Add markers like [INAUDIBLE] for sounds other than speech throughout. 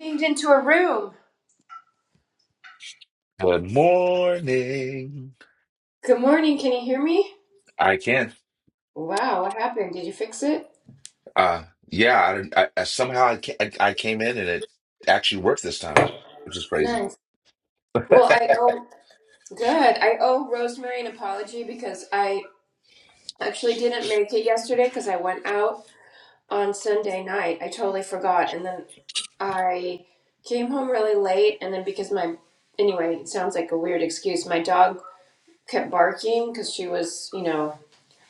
Changed into a room. Good morning. Good morning. Can you hear me? I can't. Wow, what happened? Did you fix it? Uh, yeah. I, didn't- I, I somehow I, ca- I I came in and it actually worked this time, which is crazy. Nice. Well, I owe good. I owe Rosemary an apology because I actually didn't make it yesterday because I went out on Sunday night. I totally forgot, and then I came home really late, and then because my anyway, it sounds like a weird excuse. My dog kept barking because she was, you know,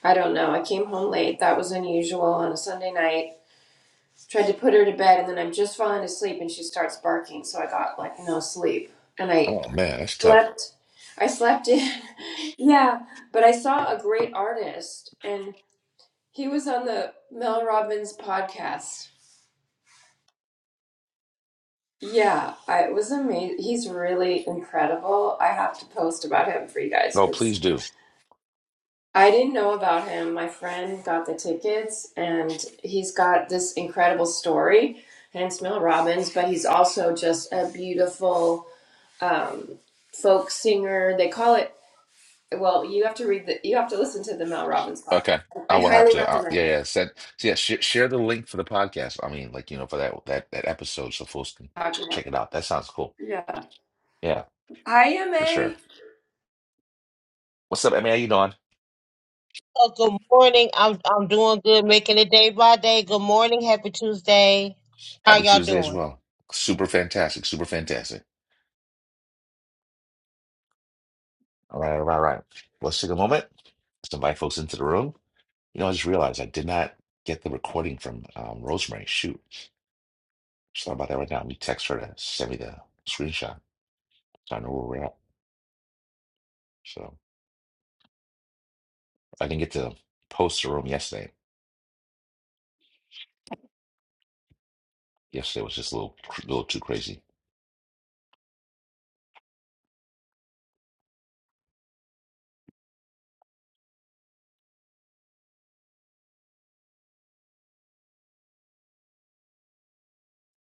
I don't know. I came home late. That was unusual on a Sunday night Tried to put her to bed, and then I'm just falling asleep, and she starts barking. So I got like no sleep, and I Oh man, that's tough. slept. I slept in, [LAUGHS] yeah. But I saw a great artist, and he was on the Mel Robbins podcast. Yeah, I, it was amazing. He's really incredible. I have to post about him for you guys No, because please do. I didn't know about him. My friend got the tickets, and he's got this incredible story. Hence Mel Robbins, but he's also just a beautiful um, folk singer. They call it. Well, you have to read the. You have to listen to the Mel Robbins Okay, podcast. I I will have highly to. Uh, yeah, recommend it. yeah. Send. so yeah, sh share the link for the podcast. I mean, like you know, for that that that episode, so folks can check it out. That sounds cool. Yeah. Yeah, I am for a. sure. What's up, Emmy? How you doing? Oh, good morning. I'm I'm doing good, making it day by day. Good morning, happy Tuesday. How Happy y'all Tuesday as doing? well. Super fantastic. Super fantastic. All right, all right, all right. Let's take a moment. Let's invite folks into the room. You know, I just realized I did not get the recording from um, Rosemary. Shoot. Just thought about that right now. Let me text her to send me the screenshot so I know where we're at. So I didn't get to post the room yesterday. Yesterday was just a little, a little too crazy.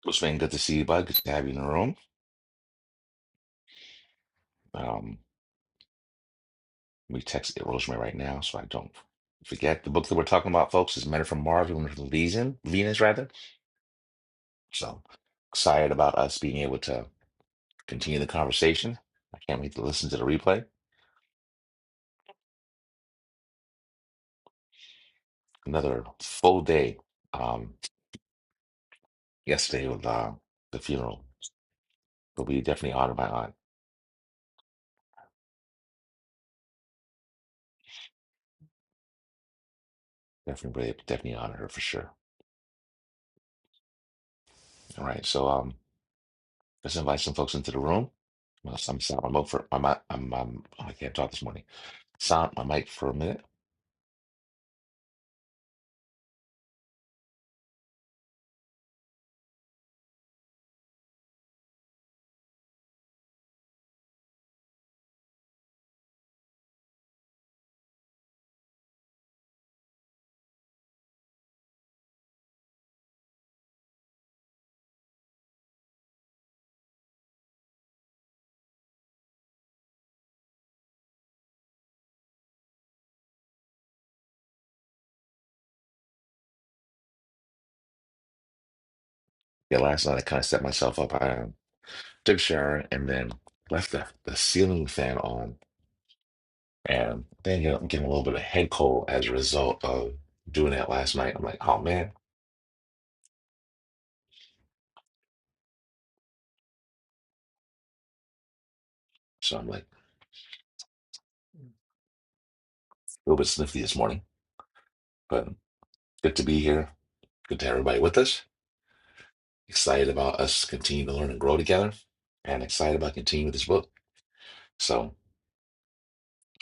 Rosemary, good to see you, bud. Good to have you in the room. Um, let me text Rosemary right now so I don't forget. The book that we're talking about, folks, is Men from Mars, Women from Venus, Venus rather. So excited about us being able to continue the conversation. I can't wait to listen to the replay. another full day um, yesterday with uh, the funeral. But we definitely honor my aunt. Definitely, really- definitely honor her for sure. All right, so um, let's invite some folks into the room. I'm, I'm, I'm up for my mi- I'm, I'm I can't talk this morning. Silent my mic for a minute. Yeah, last night I kind of set myself up. I um, took a shower and then left the, the ceiling fan on, and then you know, I'm getting a little bit of head cold as a result of doing that last night. I'm like, oh man. So I'm like a little bit sniffy this morning. good to be here. Good to have everybody with us. Excited about us continuing to learn and grow together, and excited about continuing with this book. So,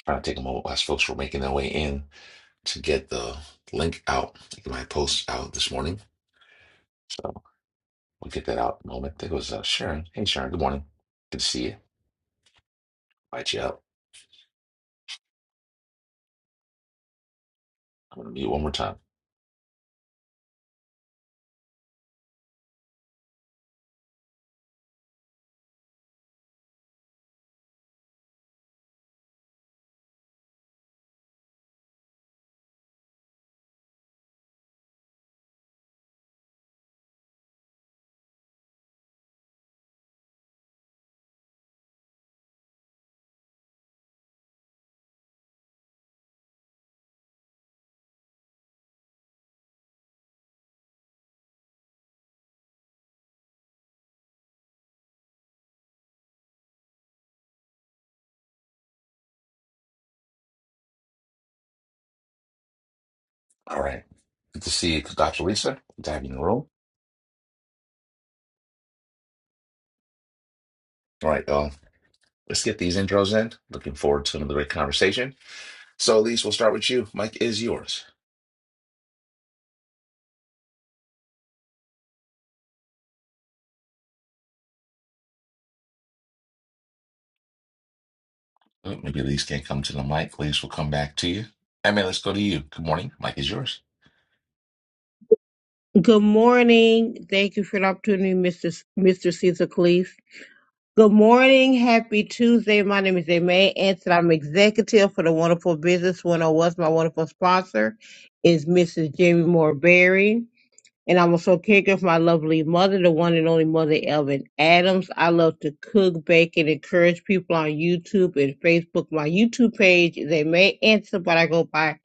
trying to take a moment as folks were making their way in to get the link out, get my post out this morning. So, we'll get that out in a moment. There goes uh, Sharon. Hey, Sharon, good morning. Good to see you. Invite you up. I'm going to mute one more time. All right. Good to see you, Dr. Lisa. Good to have you in the room. All right, y'all. Let's get these intros in. Looking forward to another great conversation. So, Elise, we'll start with you. Mike is yours. Oh, Maybe Elise can't come to the mic. Elise will come back to you. Emma, let's go to you. Good morning. Mic is yours. Good morning. Thank you for the opportunity, Mr. S- Mr. Caesar Cleese. Good morning, happy Tuesday. My name is Aimee Anson. I'm executive for the Wonderful Business 101. My wonderful sponsor is Mrs. Jamie Moore Berry. And I'm also a caregiver for my lovely mother, the one and only mother, Elvin Adams. I love to cook, bake, and encourage people on YouTube and Facebook. My YouTube page is a May Answer, but I go by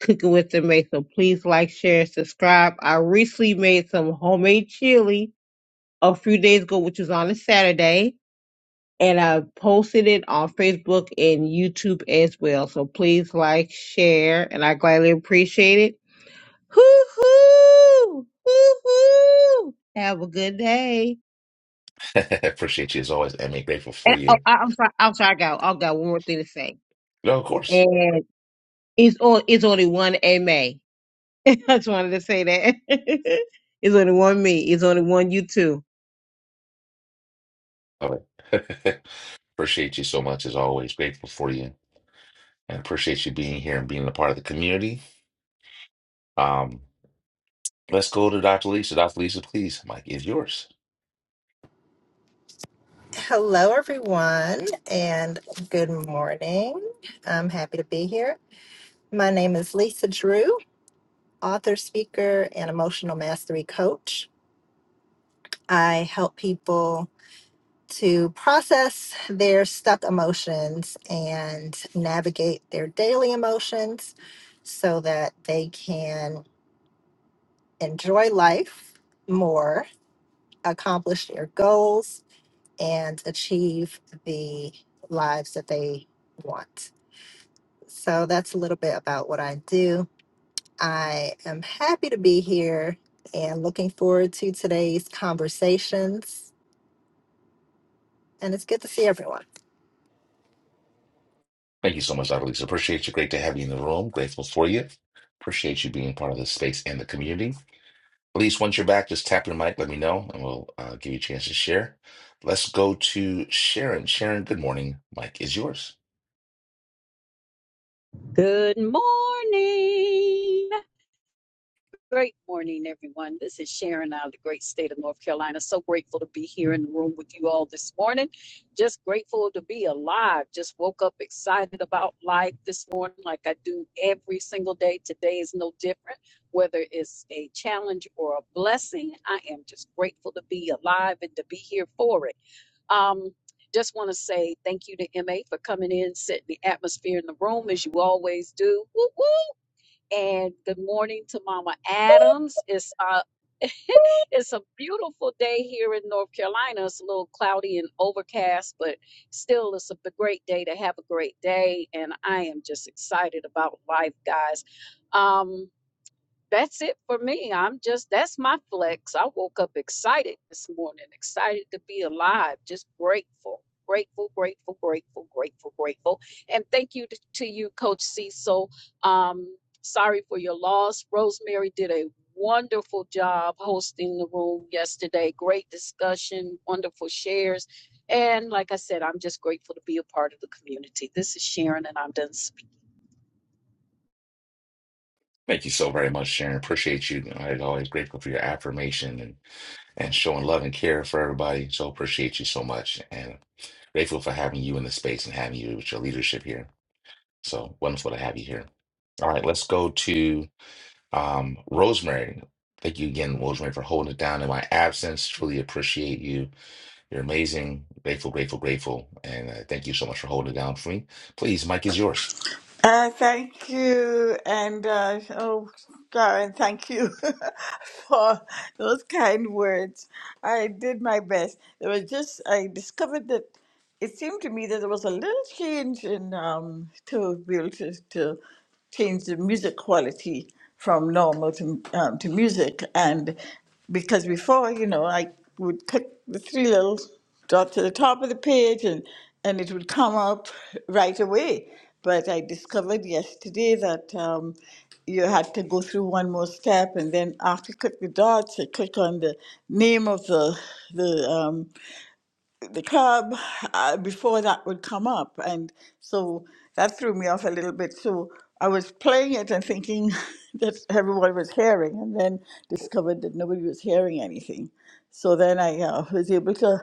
Cooking with the May. So please like, share, and subscribe. I recently made some homemade chili a few days ago, which was on a Saturday. And I posted it on Facebook and YouTube as well. So please like, share, and I gladly appreciate it. Hoo hoo! Hoo hoo! Have a good day. [LAUGHS] Appreciate you as always, Emma. Grateful for And oh, you. I, I'm sorry. I'm sorry. I got. I've got one more thing to say. No, of course. And it's all. It's only one AMA. [LAUGHS] I just wanted to say that. [LAUGHS] it's only one me. It's only one you two. Love it. [LAUGHS] appreciate you so much as always. Grateful for you. And appreciate you being here and being a part of the community. Um, let's go to Dr. Lisa. Dr. Lisa, please. Mic is yours. Hello, everyone, and good morning. I'm happy to be here. My name is Lisa Drew, author, speaker, and emotional mastery coach. I help people to process their stuck emotions and navigate their daily emotions so that they can enjoy life more, accomplish their goals, and achieve the lives that they want. So that's a little bit about what I do. I am happy to be here and looking forward to today's conversations. And it's good to see everyone. Thank you so much, Dr. Lisa. Appreciate you. Great to have you in the room. Grateful for you. Appreciate you being part of the space and the community. Elise, once you're back, just tap your mic, let me know, and we'll uh, give you a chance to share. Let's go to Sharon. Sharon, good morning. Mike is yours. Good morning. Great morning, everyone. This is Sharon out of the great state of North Carolina. So grateful to be here in the room with you all this morning. Just grateful to be alive. Just woke up excited about life this morning, like I do every single day. Today is no different. Whether it's a challenge or a blessing, I am just grateful to be alive and to be here for it. Um, just want to say thank you to MA for coming in, setting the atmosphere in the room as you always do. Woo and good morning to Mama Adams. It's uh it's a beautiful day here in North Carolina. It's a little cloudy and overcast, but still it's a b- great day to have a great day and I am just excited about life, guys. Um that's it for me. I'm just that's my flex. I woke up excited this morning, excited to be alive, just grateful, grateful, grateful, grateful, grateful, grateful. And thank you to, to you, Coach Cecil. Um, sorry for your loss. Rosemary did a wonderful job hosting the room yesterday. Great discussion, wonderful shares. And like I said, I'm just grateful to be a part of the community. This is Sharon, and I'm done Thank you so very much, Sharon. Appreciate you. I'm always grateful for your affirmation and, and showing love and care for everybody. So appreciate you so much. And grateful for having you in the space and having you with your leadership here. So wonderful to have you here. All right, let's go to um, Rosemary. Thank you again, Rosemary, for holding it down in my absence. Truly appreciate you. You're amazing. Grateful, grateful, grateful. And uh, thank you so much for holding it down for me. Please, Mike is yours. Uh, thank you, and uh, oh, Karen, thank you [LAUGHS] for those kind words. I did my best. There was just I discovered that it seemed to me that there was a little change in um, to be able to, to change the music quality from normal to um, to music, and because before you know I would cut the three little drop to the top of the page and, and it would come up [LAUGHS] right away. But I discovered yesterday that um, you had to go through one more step, and then after you click the dots, you click on the name of the the um, the club uh, before that would come up, and so that threw me off a little bit. So I was playing it and thinking [LAUGHS] that everyone was hearing, and then discovered that nobody was hearing anything. So then I uh, was able to.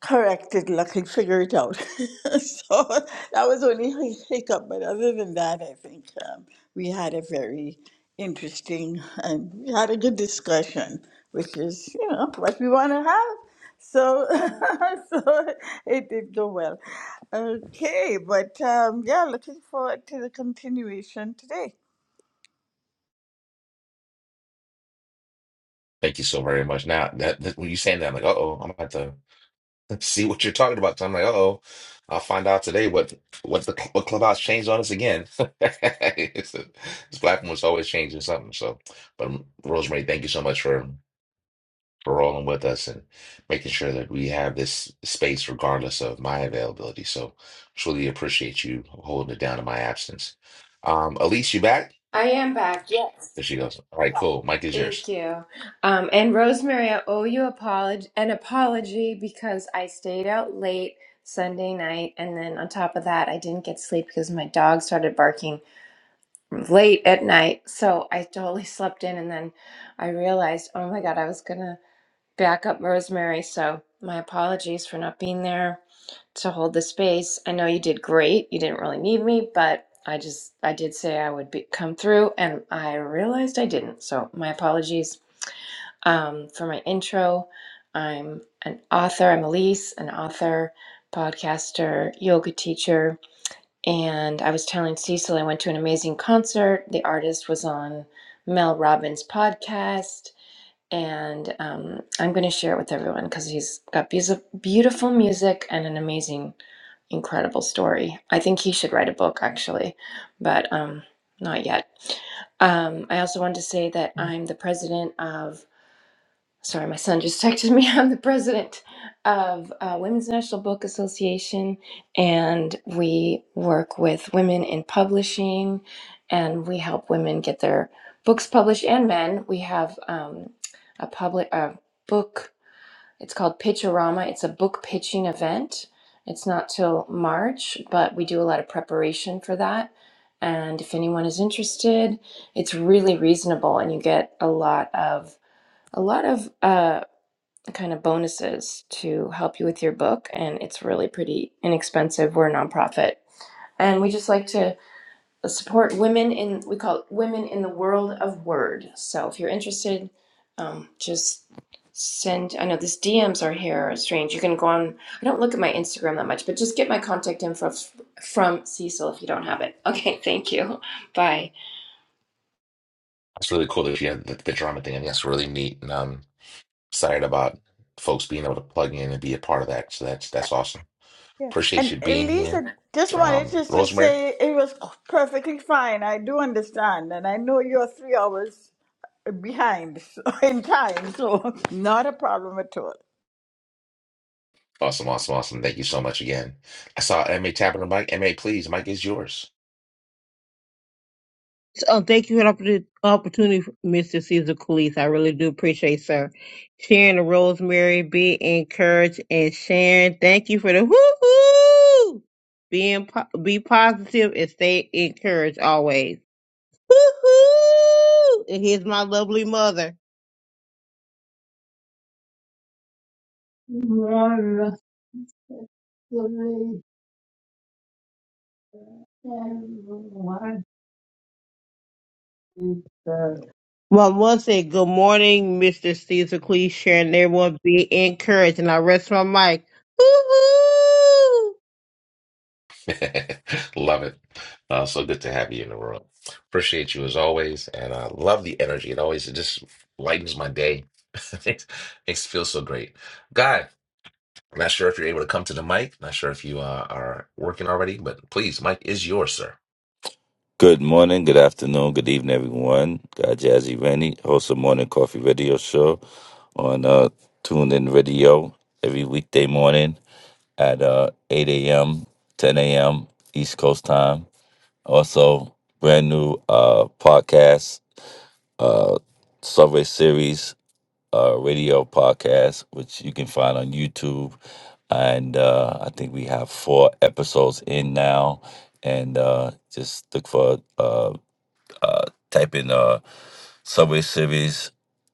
Correct, good luck, figure it out. [LAUGHS] so that was only hi- hiccup, but other than that, I think um, we had a very interesting and we had a good discussion, which is you know what we want to have. So, [LAUGHS] so it did go well. Okay, but um, yeah, looking forward to the continuation today. Thank you so very much. Now, that, that when you saying that, I'm like, uh-oh, I'm about to [LAUGHS] let's see what you're talking about. So I'm like, uh-oh, I'll find out today what what the what Clubhouse changed on us again. [LAUGHS] It's- a- this platform was always changing something. So, but um, Rosemary, thank you so much for for rolling with us and making sure that we have this space regardless of my availability. So truly appreciate you holding it down in my absence. Um, Elise, you back? I am back. Yeah. There she goes. All right, cool. Mike is yours. Thank you. Um, and Rosemary, I owe you apolog- an apology because I stayed out late Sunday night. And then on top of that, I didn't get sleep because my dog started barking late at night. So I totally [LAUGHS] slept in. And then I realized, oh my God, I was going to backup Rosemary. So my apologies for not being there to hold the space. I know you did great. You didn't really need me, but I just I did say I would be, come through, and I realized I didn't. So my apologies um, for my intro. I'm an author. I'm Elise, an author, podcaster, yoga teacher, and I was telling Cecil I went to an amazing concert. The artist was on Mel Robbins' podcast and um, I'm going to share it with everyone because he's got beautiful, beautiful music and an amazing, incredible story. I think he should write a book actually, but um, not yet. Um, I also wanted to say that I'm the president of Sorry, my son just texted me. [LAUGHS] I'm the president of uh, Women's National Book Association, and we work with women in publishing, and we help women get their books published and men. We have um, a public a book. It's called Pitchorama. It's a book pitching event. It's not till March, but we do a lot of preparation for that. And if anyone is interested, it's really reasonable, and you get a lot of a lot of. uh, kind of bonuses to help you with your book, and it's really pretty inexpensive. We're a nonprofit, and we just like to support women in we call it women in the world of word. So if you're interested, um, just send. I know this DMs are here are strange. You can go on. I don't look at my Instagram that much, but just get my contact info f- from Cecil if you don't have it. [LAUGHS] Okay, thank you. Bye. That's really cool that you had the, the drama thing. I think that's really neat, and I'm excited about folks being able to plug in and be a part of that. So that's that's awesome. Yeah, Appreciate and you being here, Elisa, just wanted um, just to Rosemary. say it was perfectly fine. I do understand, and I know you're three hours. behind so- [LAUGHS] in time, so not a problem at all. Awesome, awesome, awesome. Thank you so much again. I saw MA tapping the mic. MA, please, mic is yours. So um, thank you for the opportu- opportunity, Mr. Caesar Coolise. I really do appreciate, sir. Sharing the rosemary, be encouraged, and sharing. Thank you for the hoo hoo. Being po- be positive and stay encouraged always. Woo-hoo! And here's my lovely mother. My mom said, Good morning, Mr. Caesar Please share and everyone be encouraged. And I rest my mic. Woo-hoo! [LAUGHS] Love it. Uh, so good to have you in the room. Appreciate you as always, and I love the energy. It always it just lightens my day. [LAUGHS] Makes makes it feel so great. Guy, I'm not sure if you're able to come to the mic. Not sure if you uh, are working already, but please, mic is yours, sir. Good morning, good afternoon, good evening, everyone. Got Jazzy Rennie, host of Morning Coffee Radio Show on uh, Tuned Radio every weekday morning at uh, 8 a.m., 10 a.m. East Coast time. Also, brand new uh, podcast, uh, Subway Series uh, radio podcast, which you can find on YouTube. And uh, I think we have four episodes in now. And uh, just look for. Uh, uh, type in uh, Subway Series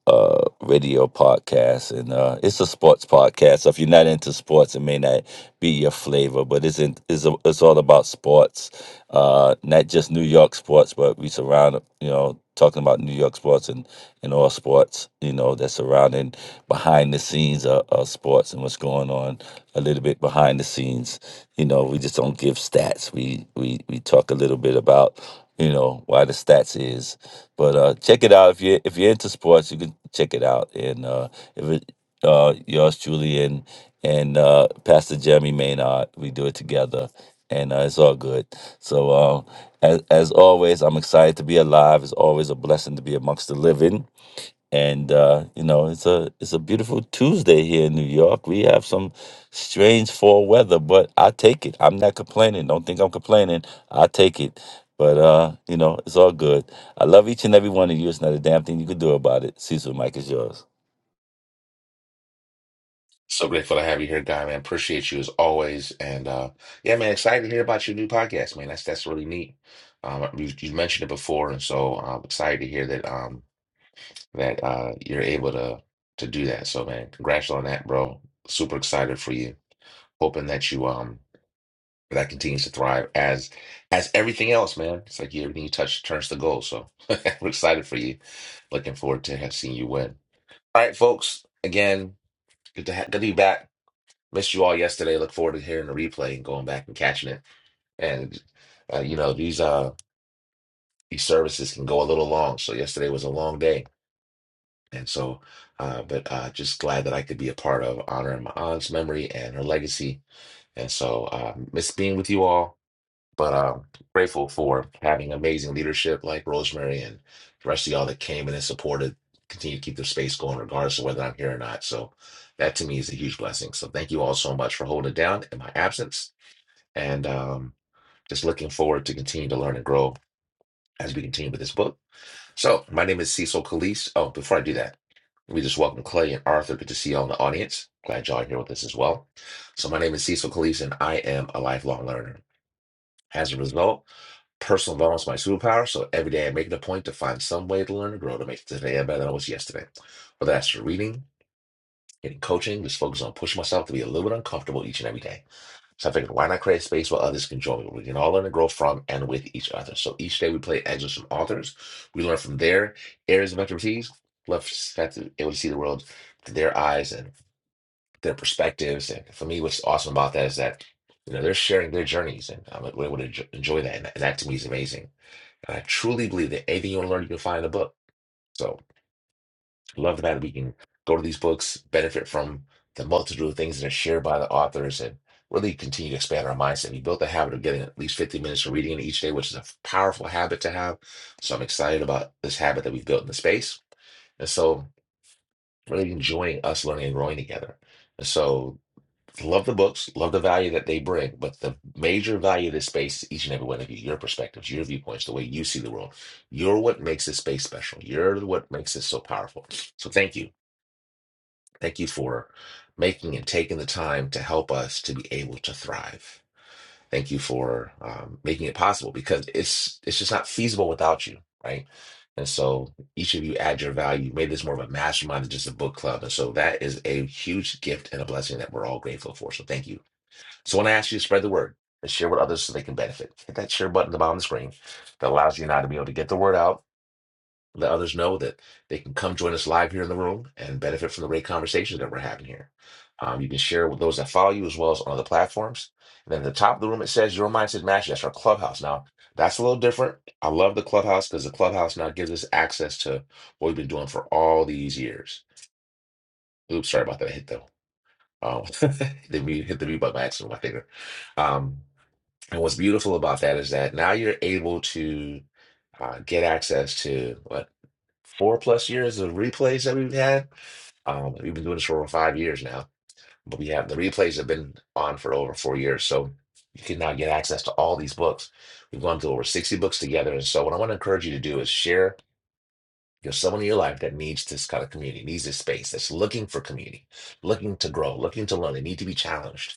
uh, radio podcast, and uh, it's a sports podcast. So if you're not into sports, it may not be your flavor, but it's in, it's, a, it's all about sports, uh, not just New York sports, but we surround you know talking about New York sports and and all sports you know that's surrounding behind the scenes of, of sports and what's going on a little bit behind the scenes. You know, we just don't give stats. We we we talk a little bit about you know why the stats is. But uh, check it out if you if you're into sports, you can check it out. And uh, if it uh, yours truly and and uh, Pastor Jeremy Maynard, we do it together, and uh, it's all good. So uh, as as always, I'm excited to be alive. It's always a blessing to be amongst the living and uh, you know it's a it's a beautiful Tuesday here in New York. We have some strange fall weather, but I take it. I'm not complaining. Don't think I'm complaining. I take it. But uh, you know it's all good. I love each and every one of you. It's not a damn thing you could do about it. Cecil, Mike is yours. So grateful to have you here, Guy, man. Appreciate you as always, and uh, yeah, man, excited to hear about your new podcast, man. That's that's really neat. Um, you, you mentioned it before, and so I'm excited to hear that. Um, that uh, you're able to to do that. So man, congrats on that, bro. Super excited for you. Hoping that you um that continues to thrive as as everything else, man. It's like everything you touch turns to gold. So [LAUGHS] we're excited for you. Looking forward to have seeing you win. All right, folks. Again, good to ha- good to be back. Missed you all yesterday. Look forward to hearing the replay and going back and catching it. And uh, you know these uh these services can go a little long. So yesterday was a long day And so, uh, but uh, just glad that I could be a part of honoring my aunt's memory and her legacy. And so, uh, miss being with you all, but um grateful for having amazing leadership like Rosemary and the rest of y'all that came in and supported, continue to keep the space going, regardless of whether I'm here or not. So, that to me is a huge blessing. So, thank you all so much for holding it down in my absence. And um, just looking forward to continue to learn and grow as we continue with this book. So, my name is Cecil Calise. Oh, before I do that, let me just welcome Clay and Arthur. Good to see you all in the audience. Glad y'all are here with us as well. So, my name is Cecil Calise, and I am a lifelong learner. As a result, personal development is my superpower. So, every day I make it a point to find some way to learn and grow to make today better than I was yesterday. Whether that's through reading, getting coaching, just focus on pushing myself to be a little bit uncomfortable each and every day. So I figured, why not create a space where others can join? me? We can all learn and grow from and with each other. So each day we play excerpts from authors. We learn from their areas of expertise. Love that to able to see the world through their eyes and their perspectives. And for me, what's awesome about that is that you know they're sharing their journeys, and I'm able to enjo- enjoy that. And that and that to me is amazing. And I truly believe that anything you want to learn, you can find in a book. So. Love that we can go to these books, benefit from the multitude of things that are shared by the authors, and really continue to expand our mindset. We built the habit of getting at least 15 minutes of reading in each day, which is a powerful habit to have. So I'm excited about this habit that we've built in the space. And so really enjoying us learning and growing together. And so love the books, love the value that they bring, but the major value of this space is each and every one of you, your perspectives, your viewpoints, the way you see the world. You're what makes this space special. You're what makes this so powerful. So thank you. Thank you for making and taking the time to help us to be able to thrive. Thank you for um, making it possible because it's it's just not feasible without you, right? And so each of you add your value. Made this more of a mastermind than just a book club, and so that is a huge gift and a blessing that we're all grateful for. So thank you. So when I ask you to spread the word and share with others so they can benefit, hit that share button at the bottom of the screen that allows you and I to be able to get the word out let others know that they can come join us live here in the room and benefit from the great conversations that we're having here. Um, you can share with those that follow you as well as on other platforms. And then at the top of the room, it says Your Mindset Match. That's our clubhouse. Now, that's a little different. I love the clubhouse because the clubhouse now gives us access to what we've been doing for all these years. Oops, sorry about that. I hit the, um, [LAUGHS] the mute, hit the mute button by accident with my finger. Um, and what's beautiful about that is that now you're able to uh, get access to what four plus years of replays that we've had. Um, we've been doing this for over five years now, but we have the replays have been on for over four years. So you can now get access to all these books. We've gone through over 60 books together. And so what I want to encourage you to do is share there's someone in your life that needs this kind of community, needs this space, that's looking for community, looking to grow, looking to learn. They need to be challenged.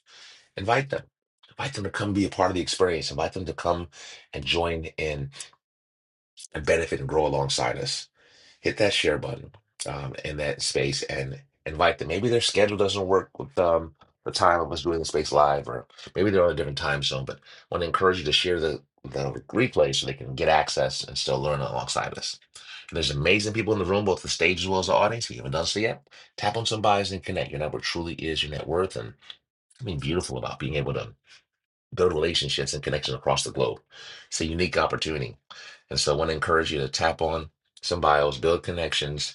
Invite them. Invite them to come be a part of the experience. Invite them to come and join in and benefit and grow alongside us. hit that share button um, in that space and invite them. Maybe their schedule doesn't work with um, the time of us doing the space live, or maybe they're on a different time zone. But I want to encourage you to share the, the replay so they can get access and still learn alongside us. And there's amazing people in the room, both the stage as well as the audience. If you haven't done so yet, tap on some bios and connect. Your network truly is your net worth. And I mean, beautiful about being able to build relationships and connections across the globe. It's a unique opportunity. And so I want to encourage you to tap on some bios, build connections,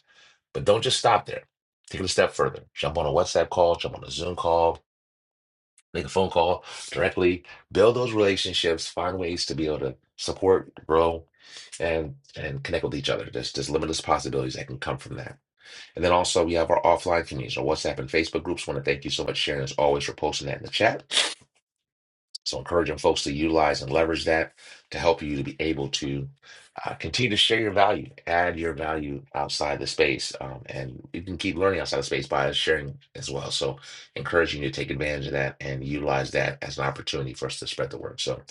but don't just stop there. Take it a step further. Jump on a WhatsApp call, jump on a Zoom call, make a phone call directly. Build those relationships, find ways to be able to support, grow, and and connect with each other. There's there's limitless possibilities that can come from that. And then also we have our offline communities, our WhatsApp and Facebook groups. Want to thank you so much, Sharon, as always, for posting that in the chat. So encouraging folks to utilize and leverage that to help you to be able to uh, continue to share your value, add your value outside the space, um, and you can keep learning outside the space by sharing as well. So encouraging you to take advantage of that and utilize that as an opportunity for us to spread the word. So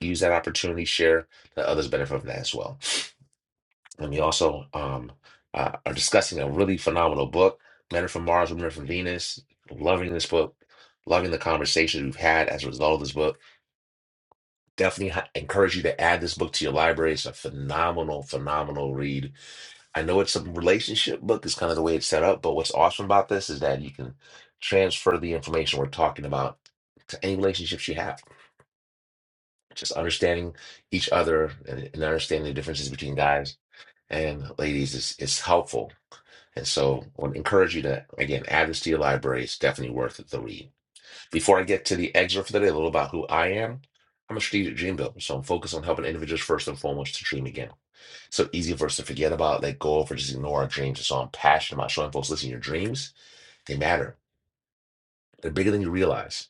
use that opportunity, share that others benefit from that as well. And we also um, uh, are discussing a really phenomenal book, Men Are From Mars, Women Are From Venus. Loving this book, loving the conversations we've had as a result of this book definitely ha- encourage you to add this book to your library. It's a phenomenal, phenomenal read. I know it's a relationship book, it's kind of the way it's set up, but what's awesome about this is that you can transfer the information we're talking about to any relationships you have. Just understanding each other and, and understanding the differences between guys and ladies is, is helpful. And so I would encourage you to, again, add this to your library. It's definitely worth the read. Before I get to the excerpt for the day, a little about who I am, I'm a strategic dream builder, so I'm focused on helping individuals first and foremost to dream again. So easy for us to forget about, let go of, or just ignore our dreams. And so I'm passionate about showing folks, listen, your dreams, they matter. They're bigger than you realize.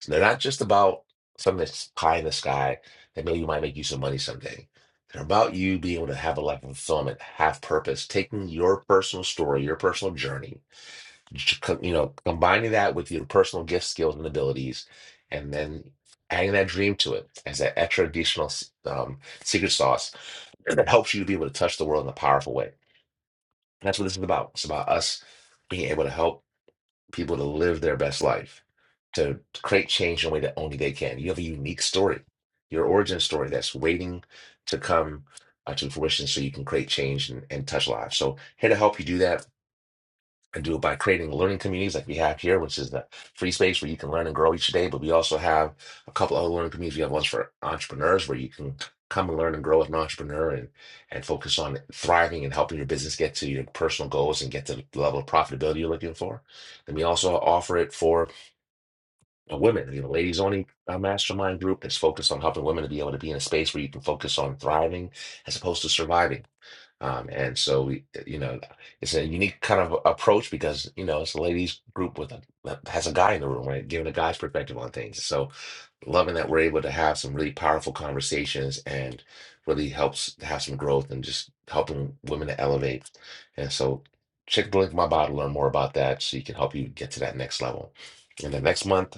So they're not just about something that's high in the sky that maybe might make you some money someday. They're about you being able to have a life of fulfillment, have purpose, taking your personal story, your personal journey, j- co- you know, combining that with your personal gifts, skills, and abilities, and then adding that dream to it as that extra additional s- um, secret sauce [CLEARS THROAT] that helps you to be able to touch the world in a powerful way. And that's what this is about. It's about us being able to help people to live their best life, to create change in a way that only they can. You have a unique story, your origin story that's waiting to come uh, to fruition so you can create change and, and touch lives. So, here to help you do that and do it by creating learning communities like we have here, which is the free space where you can learn and grow each day. But we also have a couple other learning communities. We have ones for entrepreneurs where you can come and learn and grow as an entrepreneur and, and focus on thriving and helping your business get to your personal goals and get to the level of profitability you're looking for. And we also offer it for uh, women. We have a ladies only uh, mastermind group that's focused on helping women to be able to be in a space where you can focus on thriving as opposed to surviving um, and so we, uh, you know, it's a unique kind of approach because you know it's a ladies group with a that has a guy in the room, right? Giving a guy's perspective on things. So loving that we're able to have some really powerful conversations and really helps to have some growth and just helping women to elevate. And so check the link in my bio to learn more about that, so you can help you get to that next level. And then next month.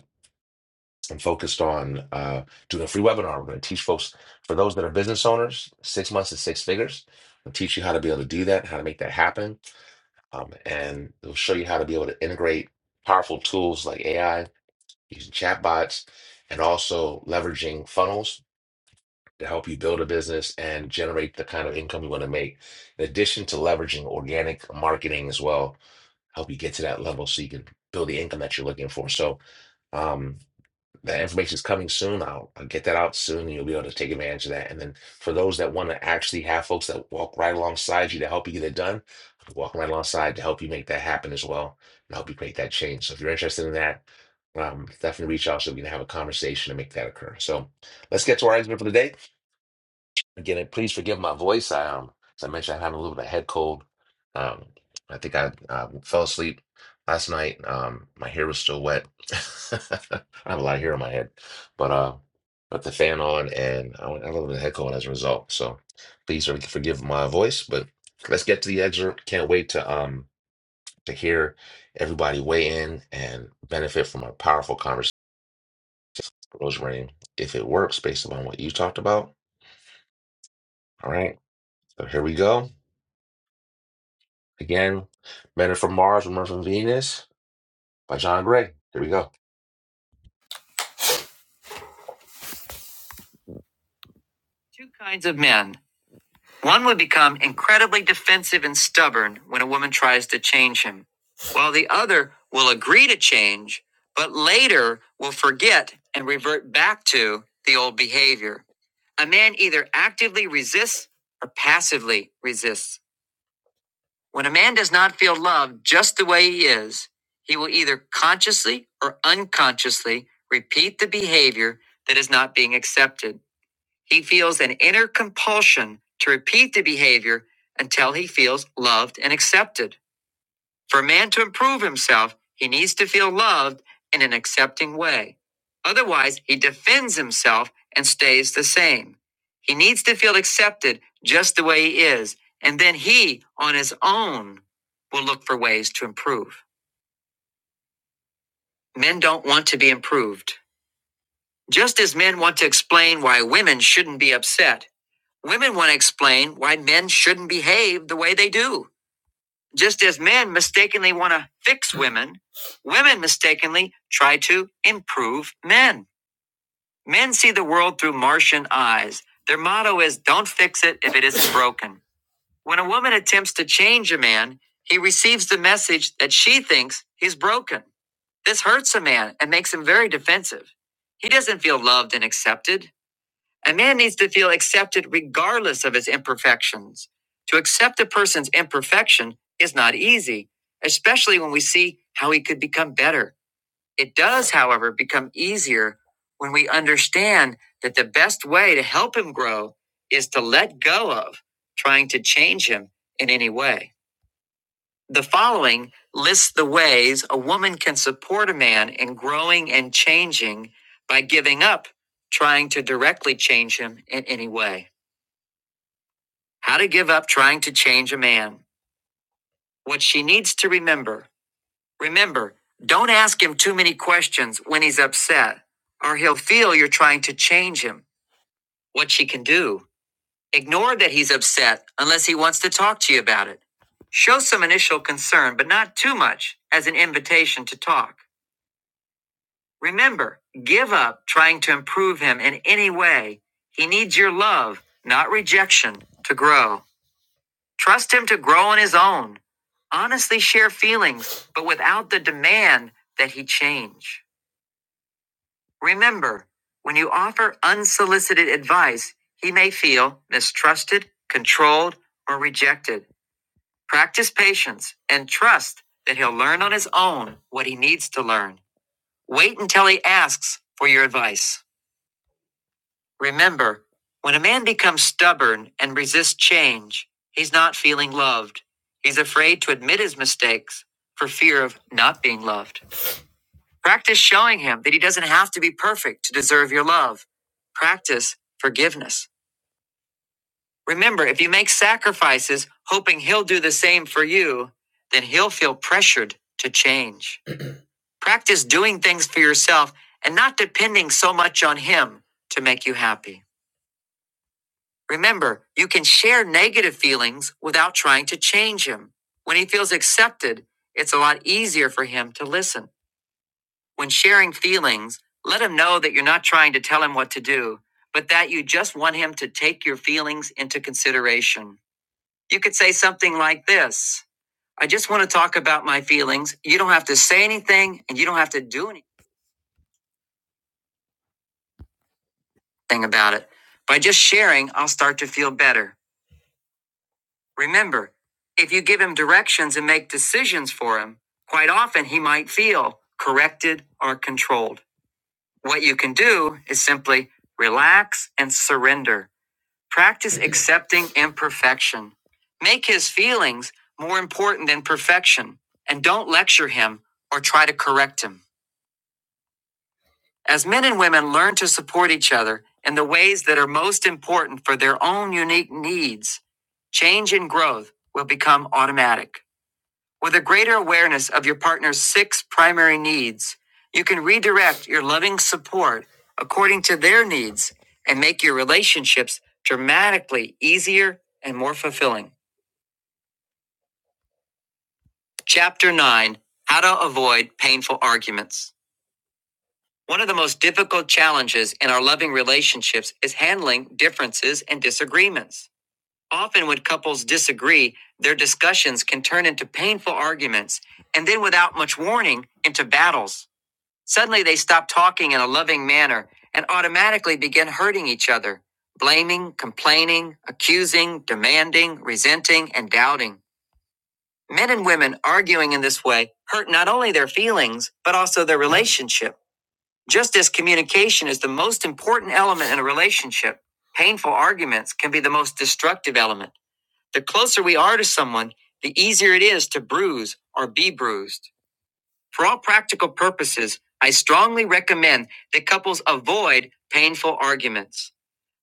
I'm focused on uh, doing a free webinar. We're going to teach folks, for those that are business owners, six months to six figures. We'll teach you how to be able to do that, how to make that happen. Um, and we'll show you how to be able to integrate powerful tools like AI, using chatbots, and also leveraging funnels to help you build a business and generate the kind of income you want to make. In addition to leveraging organic marketing as well, help you get to that level so you can build the income that you're looking for. So, um, that information's coming soon. I'll, I'll get that out soon, and you'll be able to take advantage of that. And then for those that want to actually have folks that walk right alongside you to help you get it done, I'm walking right alongside to help you make that happen as well, and help you make that change. So if you're interested in that, um, definitely reach out so we can have a conversation and make that occur. So let's get to our exit for the day. Again, please forgive my voice. I, um, as I mentioned, I had a little bit of head cold. Um, I think I uh, fell asleep last night. Um, my hair was still wet. [LAUGHS] I have a lot of hair on my head, but uh, put the fan on, and I went I had a little bit of head cold as a result. So please for- forgive my voice, but let's get to the excerpt. Can't wait to um to hear everybody weigh in and benefit from a powerful conversation, Rosemary, if it works based upon what you talked about. All right, so here we go. Again, Men Are From Mars, Women Are From Venus by John Gray. Here we go. Two kinds of men. One would become incredibly defensive and stubborn when a woman tries to change him, while the other will agree to change, but later will forget and revert back to the old behavior. A man either actively resists or passively resists. When a man does not feel loved just the way he is, he will either consciously or unconsciously repeat the behavior that is not being accepted. He feels an inner compulsion to repeat the behavior until he feels loved and accepted. For a man to improve himself, he needs to feel loved in an accepting way. Otherwise, he defends himself and stays the same. He needs to feel accepted just the way he is, and then he, on his own, will look for ways to improve. Men don't want to be improved. Just as men want to explain why women shouldn't be upset, women want to explain why men shouldn't behave the way they do. Just as men mistakenly want to fix women, women mistakenly try to improve men. Men see the world through Martian eyes. Their motto is don't fix it if it isn't broken. When a woman attempts to change a man, he receives the message that she thinks he's broken. This hurts a man and makes him very defensive. He doesn't feel loved and accepted. A man needs to feel accepted regardless of his imperfections. To accept a person's imperfection is not easy, especially when we see how he could become better. It does, however, become easier when we understand that the best way to help him grow is to let go of trying to change him in any way. The following lists the ways a woman can support a man in growing and changing by giving up trying to directly change him in any way. How to give up trying to change a man. What she needs to remember. Remember, don't ask him too many questions when he's upset, or he'll feel you're trying to change him. What she can do. Ignore that he's upset unless he wants to talk to you about it. Show some initial concern, but not too much, as an invitation to talk. Remember, give up trying to improve him in any way. He needs your love, not rejection, to grow. Trust him to grow on his own. Honestly share feelings, but without the demand that he change. Remember, when you offer unsolicited advice, he may feel mistrusted, controlled, or rejected. Practice patience and trust that he'll learn on his own what he needs to learn. Wait until he asks for your advice. Remember, when a man becomes stubborn and resists change, he's not feeling loved. He's afraid to admit his mistakes for fear of not being loved. Practice showing him that he doesn't have to be perfect to deserve your love. Practice forgiveness. Remember, if you make sacrifices hoping he'll do the same for you, then he'll feel pressured to change. Practice doing things for yourself and not depending so much on him to make you happy. Remember, you can share negative feelings without trying to change him. When he feels accepted, it's a lot easier for him to listen. When sharing feelings, let him know that you're not trying to tell him what to do, but that you just want him to take your feelings into consideration. You could say something like this I just want to talk about my feelings. You don't have to say anything and you don't have to do anything about it. By just sharing, I'll start to feel better. Remember, if you give him directions and make decisions for him, quite often he might feel corrected or controlled. What you can do is simply relax and surrender. Practice accepting imperfection. Make his feelings more important than perfection, and don't lecture him or try to correct him. As men and women learn to support each other in the ways that are most important for their own unique needs, change and growth will become automatic. With a greater awareness of your partner's six primary needs, you can redirect your loving support according to their needs and make your relationships dramatically easier and more fulfilling. Chapter 9 How to Avoid Painful Arguments. One of the most difficult challenges in our loving relationships is handling differences and disagreements. Often, when couples disagree, their discussions can turn into painful arguments and then, without much warning, into battles. Suddenly they stop talking in a loving manner and automatically begin hurting each other, blaming, complaining, accusing, demanding, resenting, and doubting. Men and women arguing in this way hurt not only their feelings, but also their relationship. Just as communication is the most important element in a relationship, painful arguments can be the most destructive element. The closer we are to someone, the easier it is to bruise or be bruised. For all practical purposes, I strongly recommend that couples avoid painful arguments.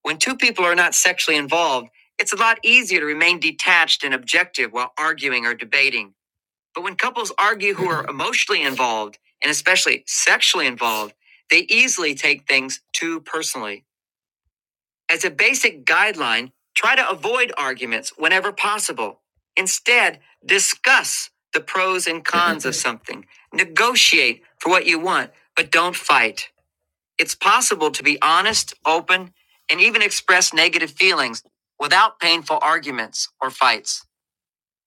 When two people are not sexually involved, it's a lot easier to remain detached and objective while arguing or debating. But when couples argue who are emotionally involved, and especially sexually involved, they easily take things too personally. As a basic guideline, try to avoid arguments whenever possible. Instead, discuss the pros and cons [LAUGHS] of something. Negotiate for what you want, but don't fight. It's possible to be honest, open, and even express negative feelings without painful arguments or fights.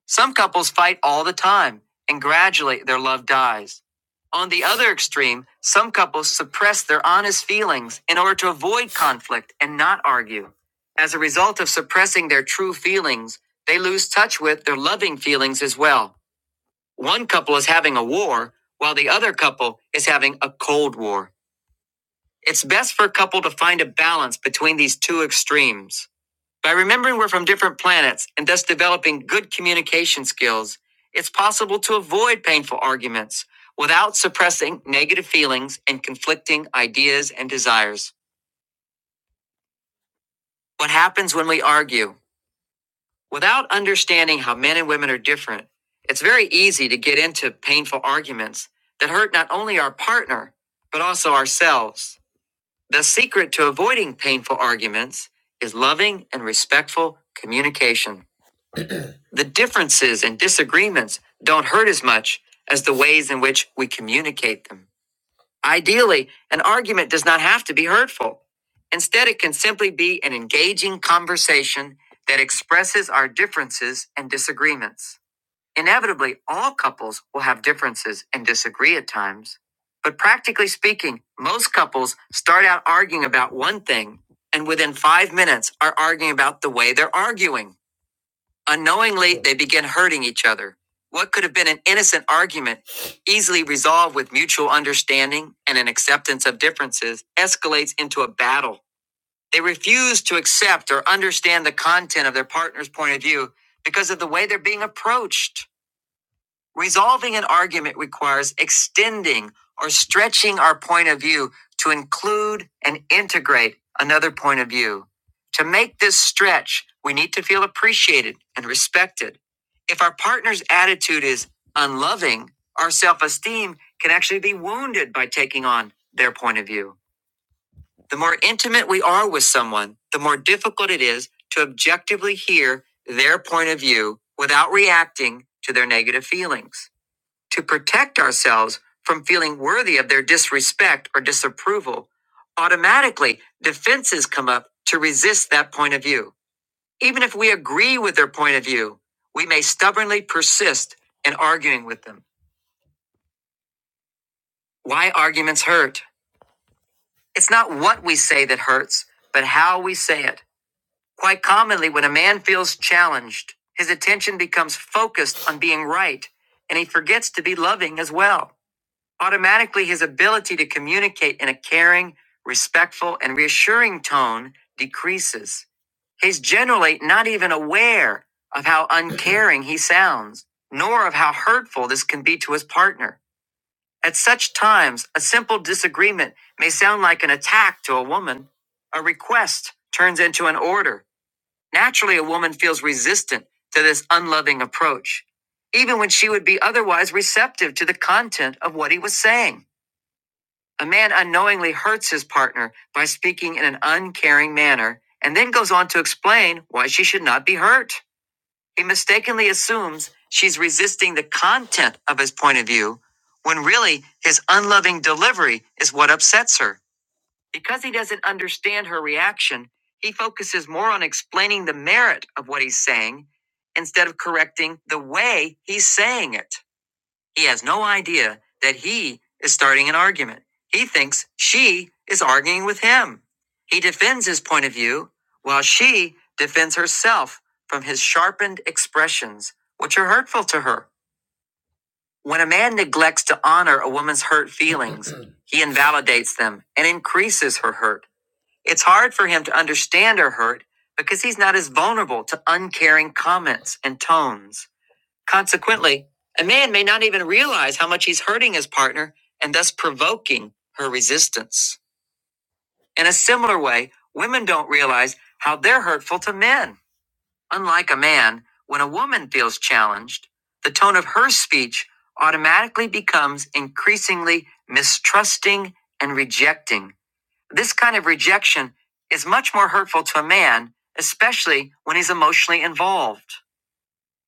Some couples fight all the time, and gradually their love dies. On the other extreme, some couples suppress their honest feelings in order to avoid conflict and not argue. As a result of suppressing their true feelings, they lose touch with their loving feelings as well. One couple is having a war, while the other couple is having a cold war. It's best for a couple to find a balance between these two extremes. By remembering we're from different planets and thus developing good communication skills, it's possible to avoid painful arguments without suppressing negative feelings and conflicting ideas and desires. What happens when we argue? Without understanding how men and women are different, it's very easy to get into painful arguments that hurt not only our partner, but also ourselves. The secret to avoiding painful arguments is loving and respectful communication. The differences and disagreements don't hurt as much as the ways in which we communicate them. Ideally, an argument does not have to be hurtful. Instead, it can simply be an engaging conversation that expresses our differences and disagreements. Inevitably, all couples will have differences and disagree at times. But practically speaking, most couples start out arguing about one thing and within five minutes are arguing about the way they're arguing. Unknowingly, they begin hurting each other. What could have been an innocent argument, easily resolved with mutual understanding and an acceptance of differences, escalates into a battle. They refuse to accept or understand the content of their partner's point of view because of the way they're being approached. Resolving an argument requires extending or stretching our point of view to include and integrate another point of view. To make this stretch, we need to feel appreciated and respected. If our partner's attitude is unloving, our self esteem can actually be wounded by taking on their point of view. The more intimate we are with someone, the more difficult it is to objectively hear their point of view without reacting to their negative feelings to protect ourselves from feeling worthy of their disrespect or disapproval, automatically defenses come up to resist that point of view. Even if we agree with their point of view, we may stubbornly persist in arguing with them. Why arguments hurt? It's not what we say that hurts, but how we say it. Quite commonly, when a man feels challenged, his attention becomes focused on being right, and he forgets to be loving as well. Automatically, his ability to communicate in a caring, respectful, and reassuring tone decreases. He's generally not even aware of how uncaring he sounds, nor of how hurtful this can be to his partner. At such times, a simple disagreement may sound like an attack to a woman. A request turns into an order. Naturally, a woman feels resistant to this unloving approach, even when she would be otherwise receptive to the content of what he was saying. A man unknowingly hurts his partner by speaking in an uncaring manner and then goes on to explain why she should not be hurt. He mistakenly assumes she's resisting the content of his point of view when really his unloving delivery is what upsets her. Because he doesn't understand her reaction, he focuses more on explaining the merit of what he's saying instead of correcting the way he's saying it. He has no idea that he is starting an argument. He thinks she is arguing with him. He defends his point of view while she defends herself from his sharpened expressions, which are hurtful to her. When a man neglects to honor a woman's hurt feelings, [CLEARS THROAT] he invalidates them and increases her hurt. It's hard for him to understand her hurt because he's not as vulnerable to uncaring comments and tones. Consequently, a man may not even realize how much he's hurting his partner and thus provoking her resistance. In a similar way, women don't realize how they're hurtful to men. Unlike a man, when a woman feels challenged, the tone of her speech automatically becomes increasingly mistrusting and rejecting. This kind of rejection is much more hurtful to a man, especially when he's emotionally involved.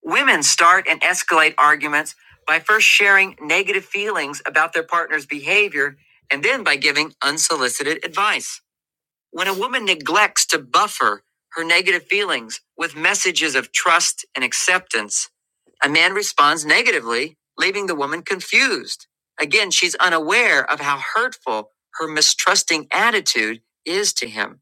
Women start and escalate arguments by first sharing negative feelings about their partner's behavior and then by giving unsolicited advice. When a woman neglects to buffer her negative feelings with messages of trust and acceptance, a man responds negatively, leaving the woman confused. Again, she's unaware of how hurtful her mistrusting attitude is to him.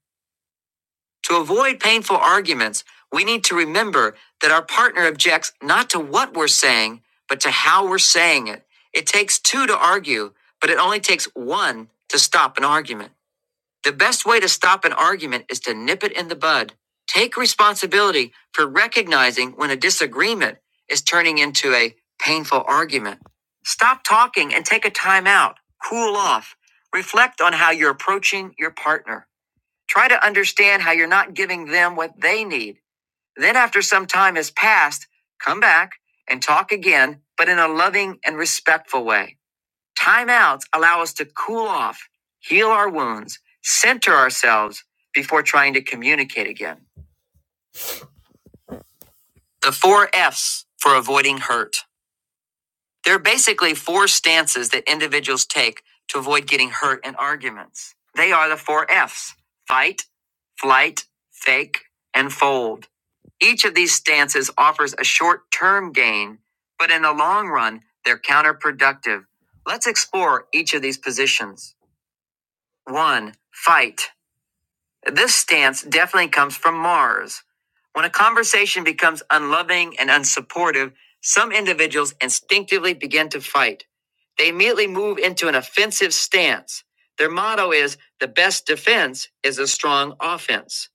To avoid painful arguments, we need to remember that our partner objects not to what we're saying, but to how we're saying it. It takes two to argue, but it only takes one to stop an argument. The best way to stop an argument is to nip it in the bud. Take responsibility for recognizing when a disagreement is turning into a painful argument. Stop talking and take a time out. Cool off. Reflect on how you're approaching your partner. Try to understand how you're not giving them what they need. Then, after some time has passed, come back and talk again, but in a loving and respectful way. Timeouts allow us to cool off, heal our wounds, center ourselves before trying to communicate again. The four F's for avoiding hurt. There are basically four stances that individuals take to avoid getting hurt in arguments. They are the four F's fight, flight, fake, and fold. Each of these stances offers a short term gain, but in the long run, they're counterproductive. Let's explore each of these positions. 1. Fight. This stance definitely comes from Mars. When a conversation becomes unloving and unsupportive, some individuals instinctively begin to fight. They immediately move into an offensive stance. Their motto is the best defense is a strong offense.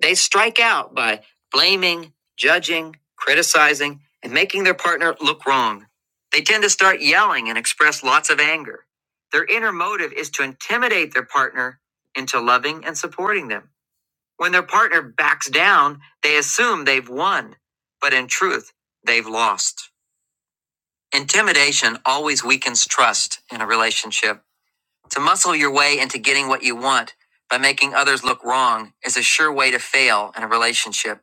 They strike out by blaming, judging, criticizing, and making their partner look wrong. They tend to start yelling and express lots of anger. Their inner motive is to intimidate their partner into loving and supporting them. When their partner backs down, they assume they've won, but in truth, they've lost. Intimidation always weakens trust in a relationship. To muscle your way into getting what you want by making others look wrong is a sure way to fail in a relationship.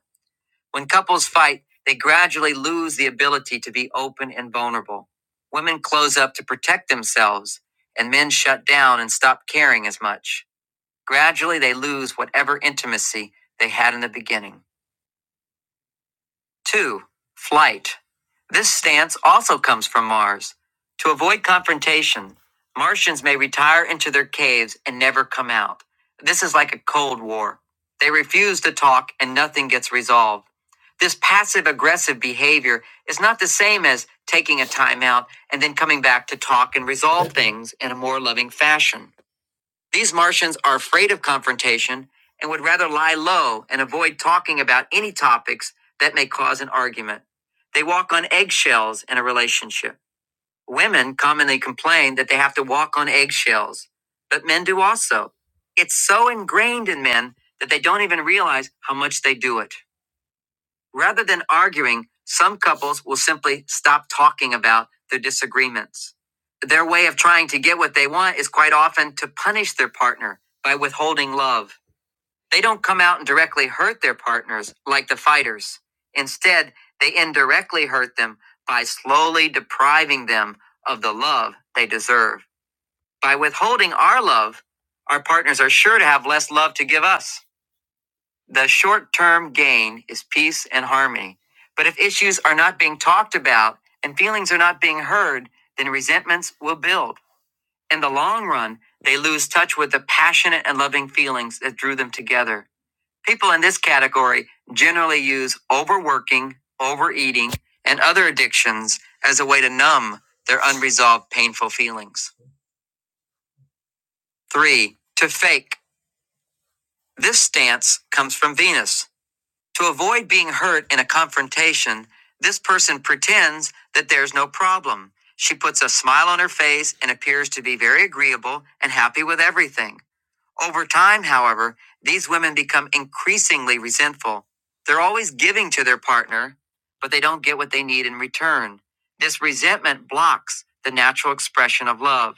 When couples fight, they gradually lose the ability to be open and vulnerable. Women close up to protect themselves, and men shut down and stop caring as much. Gradually, they lose whatever intimacy they had in the beginning. 2. Flight. This stance also comes from Mars. To avoid confrontation, Martians may retire into their caves and never come out. This is like a Cold War. They refuse to talk and nothing gets resolved. This passive aggressive behavior is not the same as taking a timeout and then coming back to talk and resolve things in a more loving fashion. These Martians are afraid of confrontation and would rather lie low and avoid talking about any topics that may cause an argument. They walk on eggshells in a relationship. Women commonly complain that they have to walk on eggshells, but men do also. It's so ingrained in men that they don't even realize how much they do it. Rather than arguing, some couples will simply stop talking about their disagreements. Their way of trying to get what they want is quite often to punish their partner by withholding love. They don't come out and directly hurt their partners like the fighters. Instead, they indirectly hurt them by slowly depriving them of the love they deserve. By withholding our love, our partners are sure to have less love to give us. The short term gain is peace and harmony. But if issues are not being talked about and feelings are not being heard, then resentments will build. In the long run, they lose touch with the passionate and loving feelings that drew them together. People in this category generally use overworking, overeating, and other addictions as a way to numb their unresolved painful feelings. Three, to fake. This stance comes from Venus, To avoid being hurt in a confrontation, this person pretends that there's no problem. She puts a smile on her face and appears to be very agreeable and happy with everything. Over time, however, these women become increasingly resentful. They're always giving to their partner, but they don't get what they need in return. This resentment blocks the natural expression of love.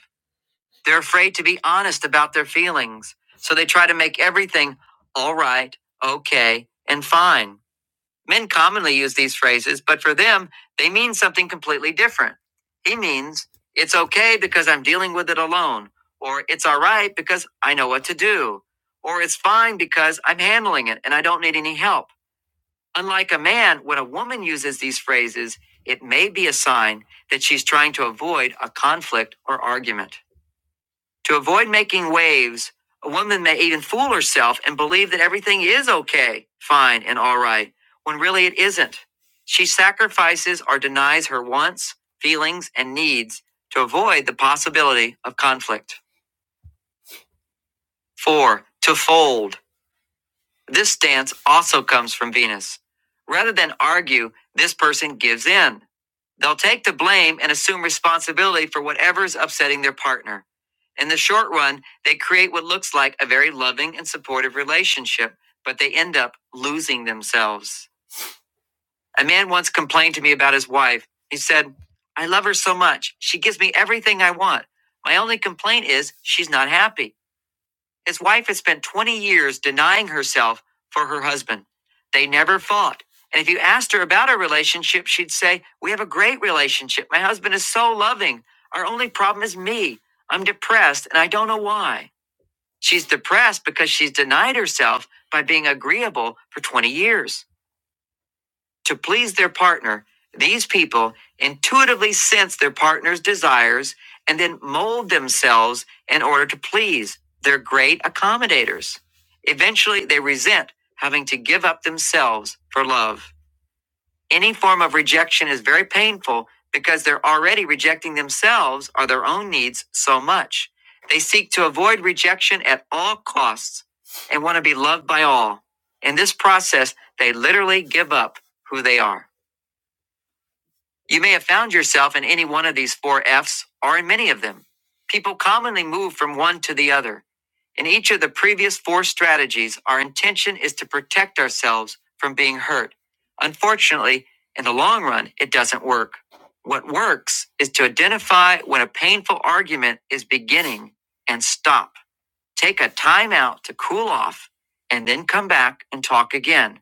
They're afraid to be honest about their feelings, so they try to make everything all right, okay, and fine. Men commonly use these phrases, but for them, they mean something completely different. He means, it's okay because I'm dealing with it alone, or it's all right because I know what to do, or it's fine because I'm handling it and I don't need any help. Unlike a man, when a woman uses these phrases, it may be a sign that she's trying to avoid a conflict or argument. To avoid making waves, a woman may even fool herself and believe that everything is okay, fine, and all right, when really it isn't. She sacrifices or denies her wants, feelings, and needs to avoid the possibility of conflict. Four, to fold. This stance also comes from Venus. Rather than argue, this person gives in. They'll take the blame and assume responsibility for whatever is upsetting their partner. In the short run, they create what looks like a very loving and supportive relationship, but they end up losing themselves. A man once complained to me about his wife. He said, I love her so much. She gives me everything I want. My only complaint is she's not happy. His wife had spent 20 years denying herself for her husband. They never fought. And if you asked her about our relationship, she'd say, We have a great relationship. My husband is so loving. Our only problem is me. I'm depressed and I don't know why. She's depressed because she's denied herself by being agreeable for 20 years. To please their partner, these people intuitively sense their partner's desires and then mold themselves in order to please. their great accommodators. Eventually, they resent having to give up themselves for love. Any form of rejection is very painful because they're already rejecting themselves or their own needs so much. They seek to avoid rejection at all costs and want to be loved by all. In this process, they literally give up who they are. You may have found yourself in any one of these four F's or in many of them. People commonly move from one to the other. In each of the previous four strategies, our intention is to protect ourselves from being hurt. Unfortunately, in the long run, it doesn't work. What works is to identify when a painful argument is beginning and stop. Take a time out to cool off and then come back and talk again.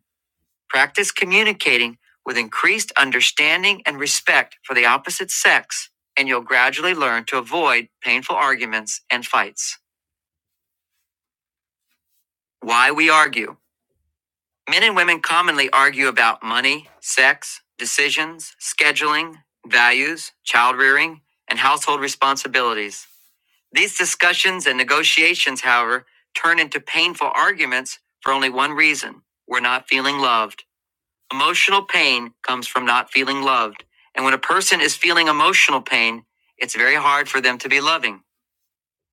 Practice communicating with increased understanding and respect for the opposite sex, and you'll gradually learn to avoid painful arguments and fights. Why we argue. Men and women commonly argue about money, sex, decisions, scheduling, values, child rearing, and household responsibilities. These discussions and negotiations, however, turn into painful arguments for only one reason we're not feeling loved. Emotional pain comes from not feeling loved. And when a person is feeling emotional pain, it's very hard for them to be loving.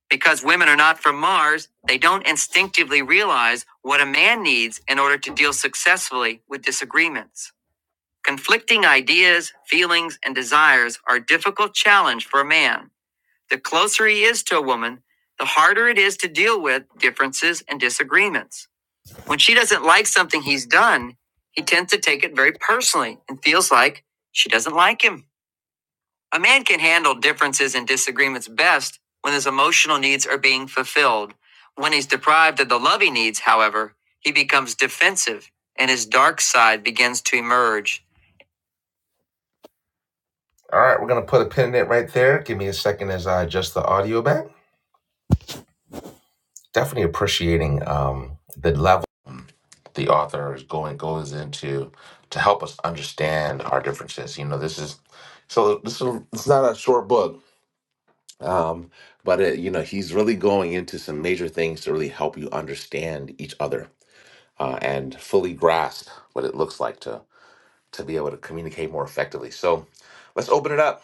Because women are not from Mars, they don't instinctively realize what a man needs in order to deal successfully with disagreements. Conflicting ideas, feelings, and desires are a difficult challenge for a man. The closer he is to a woman, the harder it is to deal with differences and disagreements. When she doesn't like something he's done, he tends to take it very personally and feels like she doesn't like him. A man can handle differences and disagreements best when his emotional needs are being fulfilled. When he's deprived of the love he needs, however, he becomes defensive and his dark side begins to emerge. All right, we're going to put a pin in it right there. Give me a second as I adjust the audio back. definitely appreciating um, the level the author is going goes into to help us understand our differences. You know, this is so this is it's not a short book, um, but it, you know he's really going into some major things to really help you understand each other uh, and fully grasp what it looks like to to be able to communicate more effectively. So let's open it up.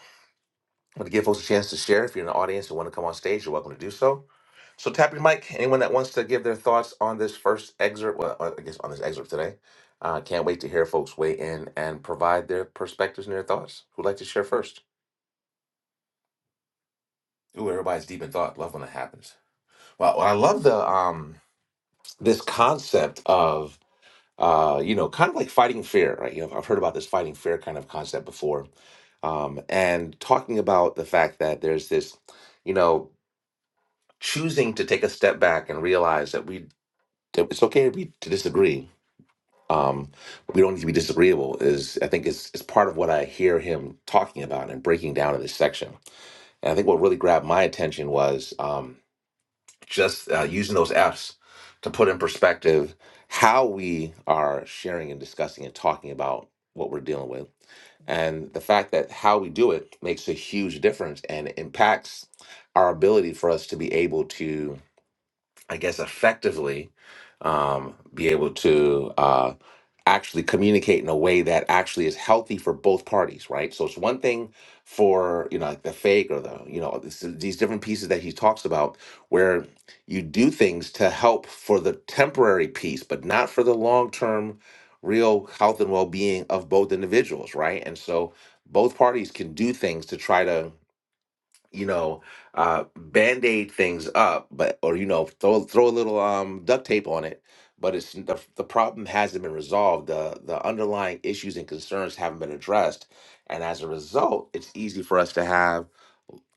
I'm going to give folks a chance to share. If you're in the audience and want to come on stage, you're welcome to do so. So tap your mic. Anyone that wants to give their thoughts on this first excerpt, well, uh, I guess on this excerpt today, uh, can't wait to hear folks weigh in and provide their perspectives and their thoughts. Who'd like to share first? Ooh, everybody's deep in thought. Love when that happens. Well, I love the um this concept of uh you know kind of like fighting fear, right? You know, I've heard about this fighting fear kind of concept before, um, and talking about the fact that there's this, you know. choosing to take a step back and realize that we that it's okay to be to disagree. Um, we don't need to be disagreeable. Is I think is is part of what I hear him talking about and breaking down in this section. And I think what really grabbed my attention was um, just uh, using those F's to put in perspective how we are sharing and discussing and talking about what we're dealing with, and the fact that how we do it makes a huge difference and impacts our ability for us to be able to I guess, effectively um, be able to uh, actually communicate in a way that actually is healthy for both parties, right? So it's one thing for you know like the fake or the you know this, these different pieces that he talks about where you do things to help for the temporary piece, but not for the long term real health and well-being of both individuals right and so both parties can do things to try to you know, uh, band-aid things up, but or you know, throw throw a little um duct tape on it, but it's the the problem hasn't been resolved. The the underlying issues and concerns haven't been addressed, and as a result, it's easy for us to have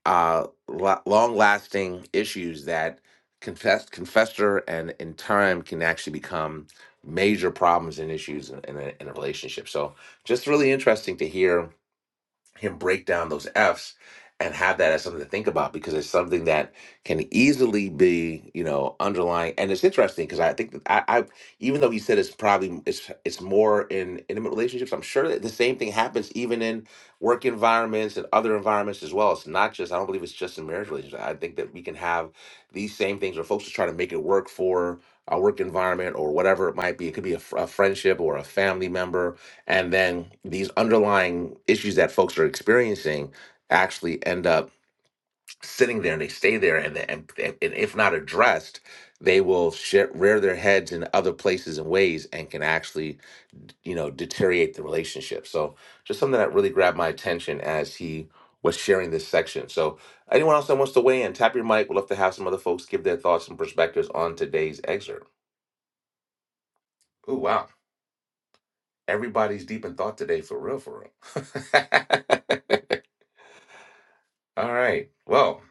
uh la- long-lasting issues that confess confessor and in time can actually become major problems and issues in, in, a, in a relationship. So just really interesting to hear him break down those F's and have that as something to think about because it's something that can easily be, you know, underlying. And it's interesting because I think that I, I, even though he said it's probably it's it's more in intimate relationships, I'm sure that the same thing happens even in work environments and other environments as well. It's not just I don't believe it's just in marriage relationships. I think that we can have these same things where folks just try to make it work for a work environment or whatever it might be. It could be a, fr- a friendship or a family member and then these underlying issues that folks are experiencing actually end up sitting there and they stay there and, and, and if not addressed they will share, rear their heads in other places and ways and can actually you know deteriorate the relationship so just something that really grabbed my attention as he was sharing this section so anyone else that wants to weigh in tap your mic we'd love to have some other folks give their thoughts and perspectives on today's excerpt Ooh, wow everybody's deep in thought today for real for real [LAUGHS] All right. Well,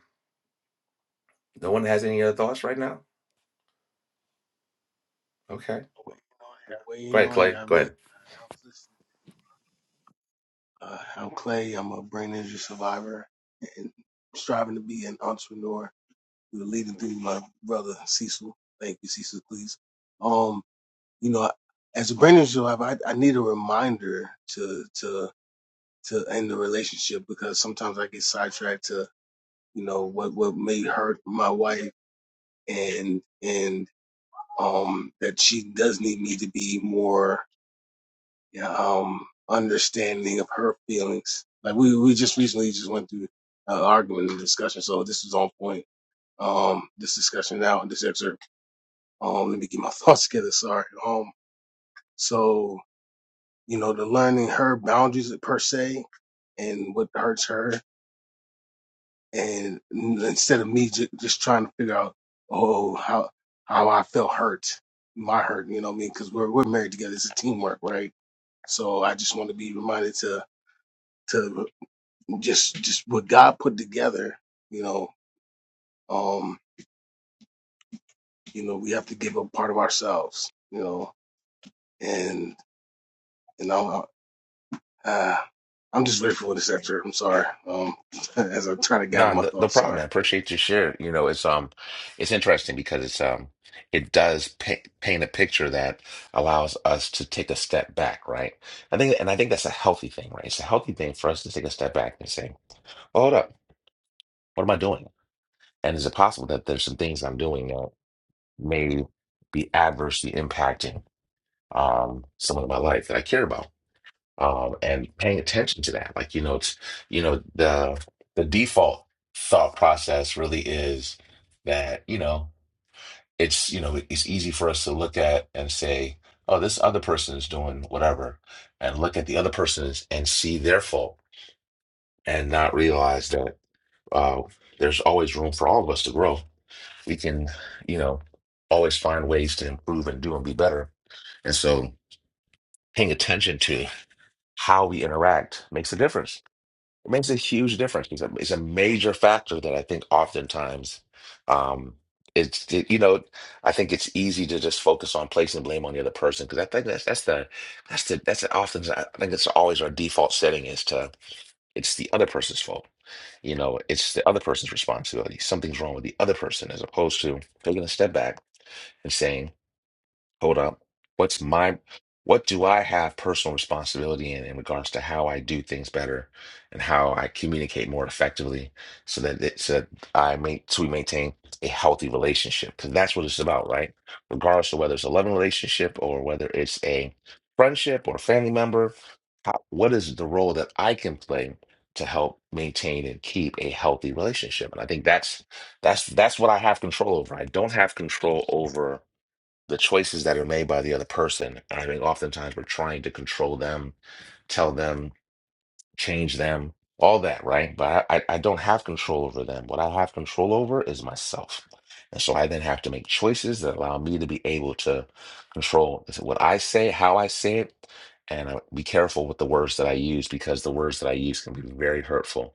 no one has any other thoughts right now? Okay. Go waiting ahead, on Clay. it. I Go mean, ahead. I was listening. Uh, I'm Clay. I'm a brain injury survivor and striving to be an entrepreneur. We were leading through my brother Cecil. Thank you, Cecil, please. Um, you know, as a brain injury survivor, I, I need a reminder to to to end the relationship because sometimes I get sidetracked to you know what what may hurt my wife and and um that she does need me to be more yeah, um, understanding of her feelings. Like we, we just recently just went through an argument and discussion, so this is on point. Um, this discussion now, in this excerpt. Um, let me get my [LAUGHS] thoughts together. Sorry. Um, so you know, the learning her boundaries per se and what hurts her, and instead of me j- just trying to figure out, oh, how how I felt hurt, my hurt. You know what I mean? Because we're we're married together. It's a teamwork, right? So I just want to be reminded to to. just just what God put together, you know, um, you know, we have to give up part of ourselves, you know, and you know, uh, I'm just grateful for this excerpt. I'm sorry, um, [LAUGHS] as I'm trying to gather No, my no, no thoughts. problem. Sorry. I appreciate your share. You know, it's um, it's interesting because it's um, it does pa paint a picture that allows us to take a step back, right? I think, and I think that's a healthy thing, right? It's a healthy thing for us to take a step back and say, well, "Hold up, what am I doing?" And is it possible that there's some things I'm doing that may be adversely impacting um someone in my life that I care about? um, and paying attention to that. Like, you know, it's, you know, the the default thought process really is that, you know, it's, you know, it's easy for us to look at and say, oh, this other person is doing whatever, and look at the other person's and see their fault and not realize that uh, there's always room for all of us to grow. We can, you know, always find ways to improve and do and be better. And so paying attention to how we interact makes a difference It makes a huge difference. It's a, it's a major factor that I think oftentimes um, it's it, you know I think it's easy to just focus on placing blame on the other person because I think that's that's the that's the that's the, often I think it's always our default setting is to it's the other person's fault. You know, it's the other person's responsibility. Something's wrong with the other person as opposed to taking a step back and saying. Hold up. What's my, what do I have personal responsibility in in regards to how I do things better and how I communicate more effectively so that it, so that I make, so we maintain a healthy relationship? Because that's what it's about, right? Regardless of whether it's a loving relationship or whether it's a friendship or a family member, how, what is the role that I can play to help maintain and keep a healthy relationship? And I think that's that's that's what I have control over. I don't have control over the choices that are made by the other person. And I think oftentimes we're trying to control them, tell them change them, all that, right? But I, I I don't have control over them. What I have control over is myself. And so I then have to make choices that allow me to be able to control what I say, how I say it, and I, be careful with the words that I use because the words that I use can be very hurtful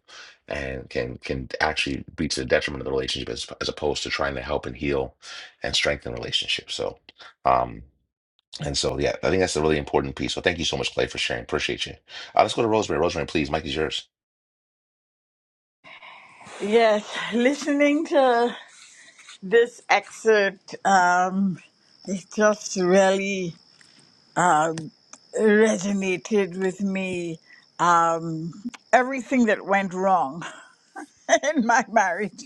and can can actually be to the detriment of the relationship as, as opposed to trying to help and heal and strengthen relationships. So, um, and so, yeah, I think that's a really important piece. So, thank you so much, Clay, for sharing. Appreciate you. Uh, let's go to Rosemary. Rosemary, please, Mike is yours. Yes, listening to this excerpt, um, it just really um, resonated with me. Um, everything that went wrong [LAUGHS] in my marriage,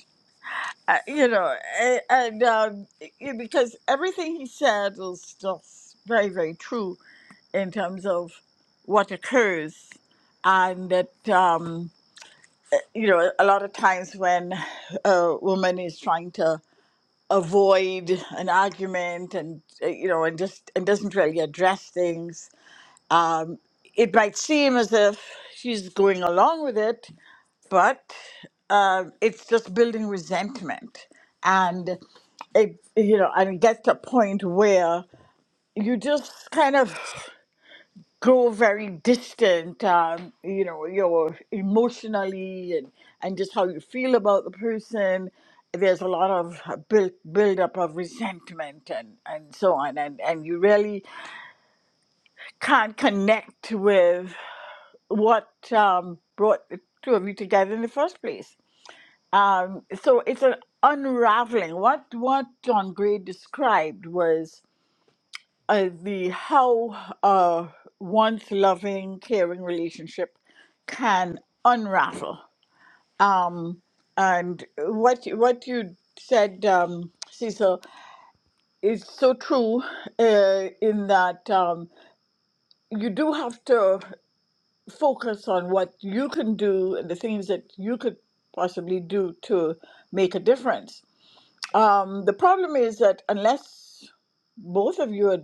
uh, you know, a- and um, it- because everything he said was just very, very true in terms of what occurs, and that. Um, you know, a lot of times when a woman is trying to avoid an argument and uh, you know and just and doesn't really address things um it might seem as if she's going along with it but uh, it's just building resentment and it you know and it gets to a point where you just kind of grow very distant um, you know you're emotionally and and just how you feel about the person there's a lot of build build up of resentment and and so on and and you really can't connect with what um, brought the two of you together in the first place um, so it's an unraveling what what john gray described was uh, the how uh, one's loving, caring relationship can unravel. Um, and what you- what you said, um, Cecil, is so true uh, in that um, you do have to focus on what you can do and the things that you could possibly do to make a difference. Um, the problem is that unless both of you are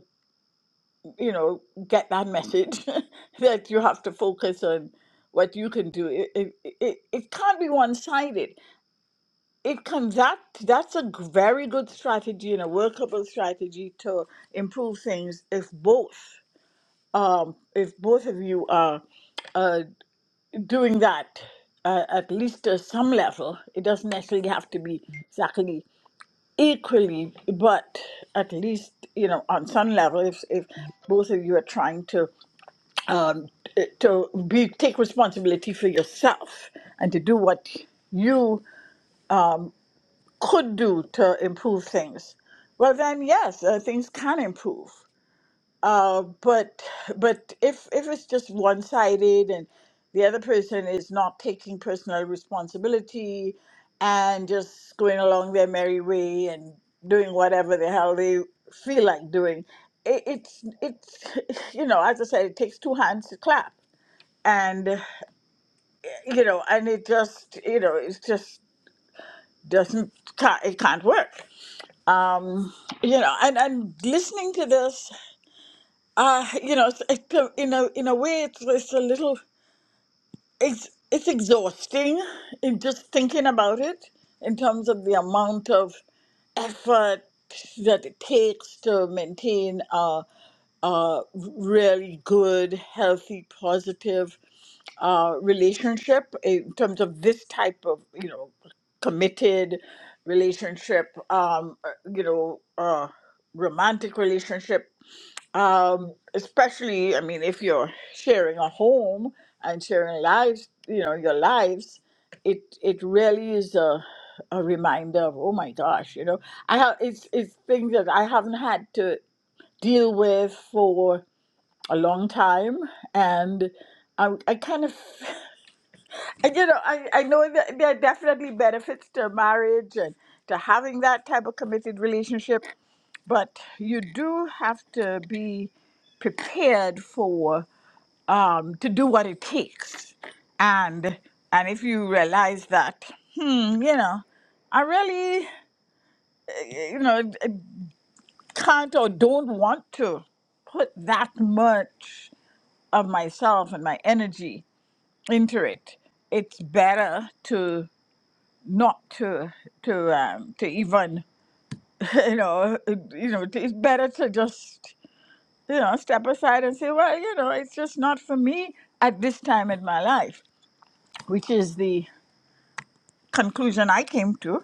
you know, get that message [LAUGHS] that you have to focus on what you can do. It, it, it, it can't be one sided. It can that that's a g- very good strategy and a workable strategy to improve things if both um, if both of you are uh, doing that uh, at least to some level. It doesn't necessarily have to be exactly equally, but at least you know on some level, if if both of you are trying to um, to be take responsibility for yourself and to do what you could do to improve things, well then yes, uh, things can improve. Uh, but but if if it's just one sided and the other person is not taking personal responsibility and just going along their merry way and doing whatever the hell they feel like doing, it, it's it's [LAUGHS] you know as I said, it takes two hands to clap and you know, and it just, you know, it just doesn't, ca- it can't work. Um, you know, and and listening to this, uh, you know, it's, it's a- in a in a way, it's it's a little, it's it's exhausting in just thinking about it in terms of the amount of effort that it takes to maintain. a. uh, really good, healthy, positive uh, relationship in terms of this type of you know committed relationship, um, uh, you know, uh, romantic relationship. Um, especially, I mean, if you're sharing a home and sharing lives, you know, your lives, it it really is a a reminder of oh my gosh, you know, I have it's it's things that I haven't had to deal with for a long time and I, I kind of [LAUGHS] you know I, I know that there are definitely benefits to marriage and to having that type of committed relationship but you do have to be prepared for um, to do what it takes and and if you realize that hmm you know I really you know can't or don't want to put that much of myself and my energy into it it's better to not to to um to even [LAUGHS] you know you know it's better to just you know step aside and say well you know it's just not for me at this time in my life which is the conclusion i came to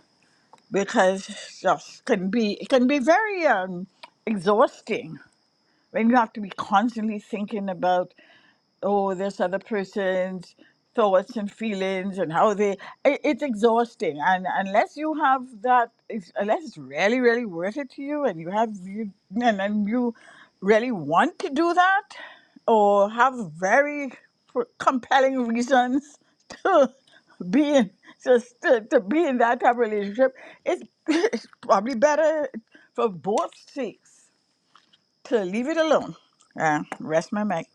because it just can be it can be very um exhausting when you have to be constantly thinking about oh, this other person's thoughts and feelings and how they. It, it's exhausting, and unless you have that, if, unless it's really, really worth it to you, and you have you, and then you really want to do that, or have very pr- compelling reasons [LAUGHS] to be in just to, to be in that type of relationship, it's, [LAUGHS] it's probably better for both sakes to leave it alone. Uh, rest my mic.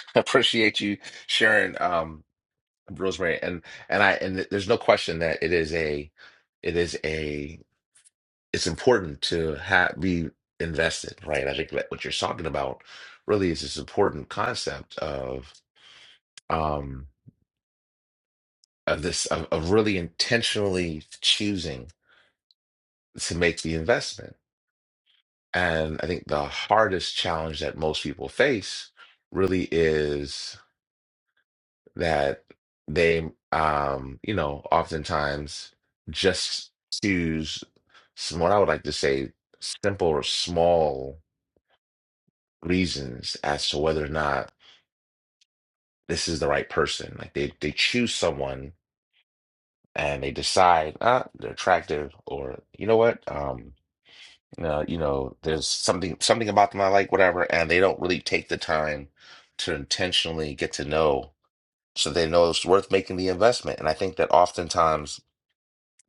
[LAUGHS] Appreciate you sharing, um, Rosemary. And and I and th- there's no question that it is a, it is a, it's important to have be invested, right? I think that what you're talking about really is this important concept of um of this of, of really intentionally choosing to make the investment And I think the hardest challenge that most people face really is that they, um, you know, oftentimes just choose some, what I would like to say, simple or small reasons as to whether or not this is the right person. Like they, they choose someone and they decide, ah, they're attractive or, you know what, um, uh, you know, there's something something about them I like, whatever, and they don't really take the time to intentionally get to know, so they know it's worth making the investment. And I think that oftentimes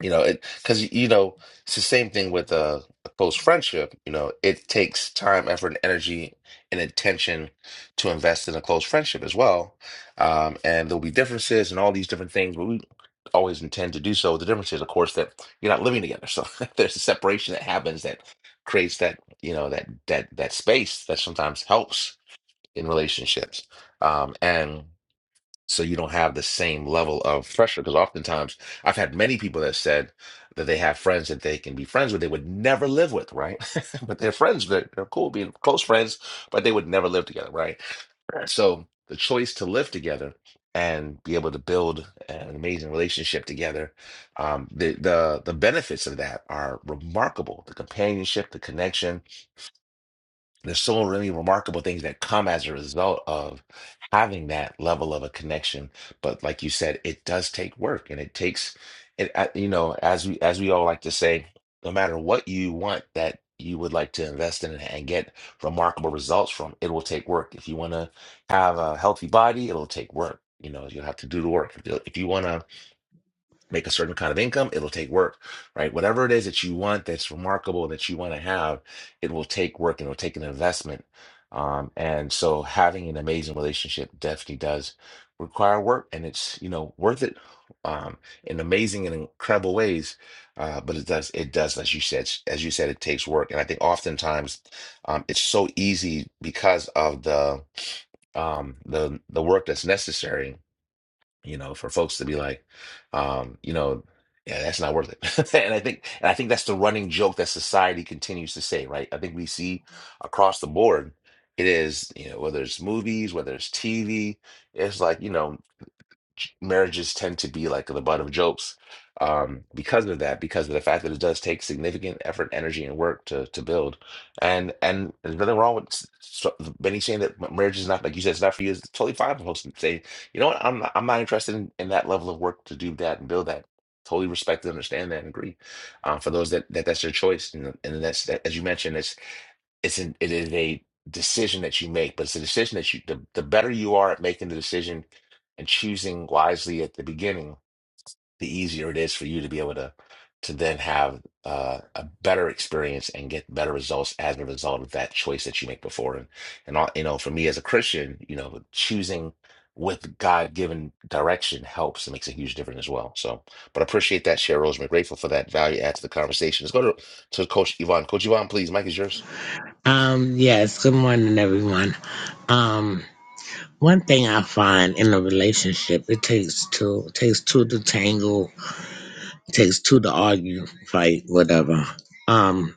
you know, it because you know it's the same thing with a, a close friendship. You know, it takes time, effort, and energy and attention to invest in a close friendship as well. Um, and there'll be differences and all these different things, but we always intend to do so. The difference is, of course, that you're not living together, so [LAUGHS] there's a separation that happens that creates that you know that that that space that sometimes helps in relationships. Um, and so you don't have the same level of pressure. Because oftentimes, I've had many people that said that they have friends that they can be friends with, they would never live with, right? [LAUGHS] but they're friends, they're, they're cool being close friends, but they would never live together, right? So the choice to live together and be able to build an amazing relationship together, um, the the the benefits of that are remarkable. The companionship, the connection, there's so many remarkable things that come as a result of having that level of a connection. But like you said, it does take work, and it takes it. uh, You know, as we as we all like to say, no matter what you want that you would like to invest in and get remarkable results from, it will take work. If you want to have a healthy body, it'll take work. You know, you'll have to do the work. If you want to make a certain kind of income, it'll take work, right? Whatever it is that you want that's remarkable that you want to have, it will take work and it'll take an investment. Um, and so having an amazing relationship definitely does require work and it's, you know, worth it um, in amazing and incredible ways. Uh, but it does, it does, as you said, as you said, it takes work. And I think oftentimes um, it's so easy because of the, um, the, the work that's necessary you know, for folks to be like, um, you know, yeah, that's not worth it. [LAUGHS] and I think, and I think that's the running joke that society continues to say, right? I think we see across the board, it is, you know, whether it's movies, whether it's TV, it's like, you know, j- marriages tend to be like the butt of jokes um, because of that, because of the fact that it does take significant effort, energy, and work to to build. And and there's nothing wrong with s- so, many saying that m- marriage is not like you said it's not for you. It's totally fine for folks to say, you know what, I'm not, I'm not interested in, in that level of work to do that and build that. Totally respect and understand that and agree. Uh, for those that, that that's their choice, and, and that's that, as you mentioned, it's an, it is a decision that you make, but it's a decision that you the, the better you are at making the decision and choosing wisely at the beginning, the easier it is for you to be able to to then have uh, a better experience and get better results as a result of that choice that you make before. And and all, you know, for me as a Christian, you know, choosing with God-given direction helps and makes a huge difference as well. So, but I appreciate that, share Rose, Rosemary. Grateful for that value add to the conversation. Let's go to, to Coach Yvonne. Coach Yvonne, please, Mike is yours. Um, yes, good morning, everyone. Um, one thing I find in a relationship, it takes two, it takes two to tangle, it takes two to argue, fight, whatever. Um,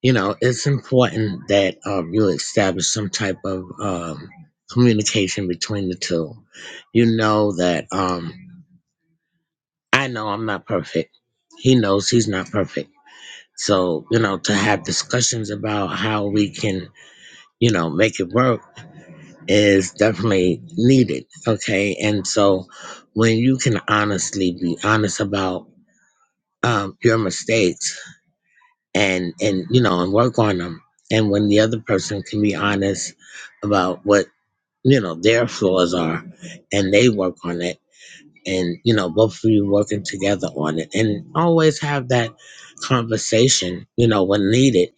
you know, it's important that um, you establish some type of um, communication between the two. You know that um, I know I'm not perfect. He knows he's not perfect. So, you know, to have discussions about how we can, you know, make it work is definitely needed. Okay. And so when you can honestly be honest about um, your mistakes and, and, you know, and work on them. And when the other person can be honest about what, you know, their flaws are and they work on it and, you know, both of you working together on it and always have that conversation, you know, when needed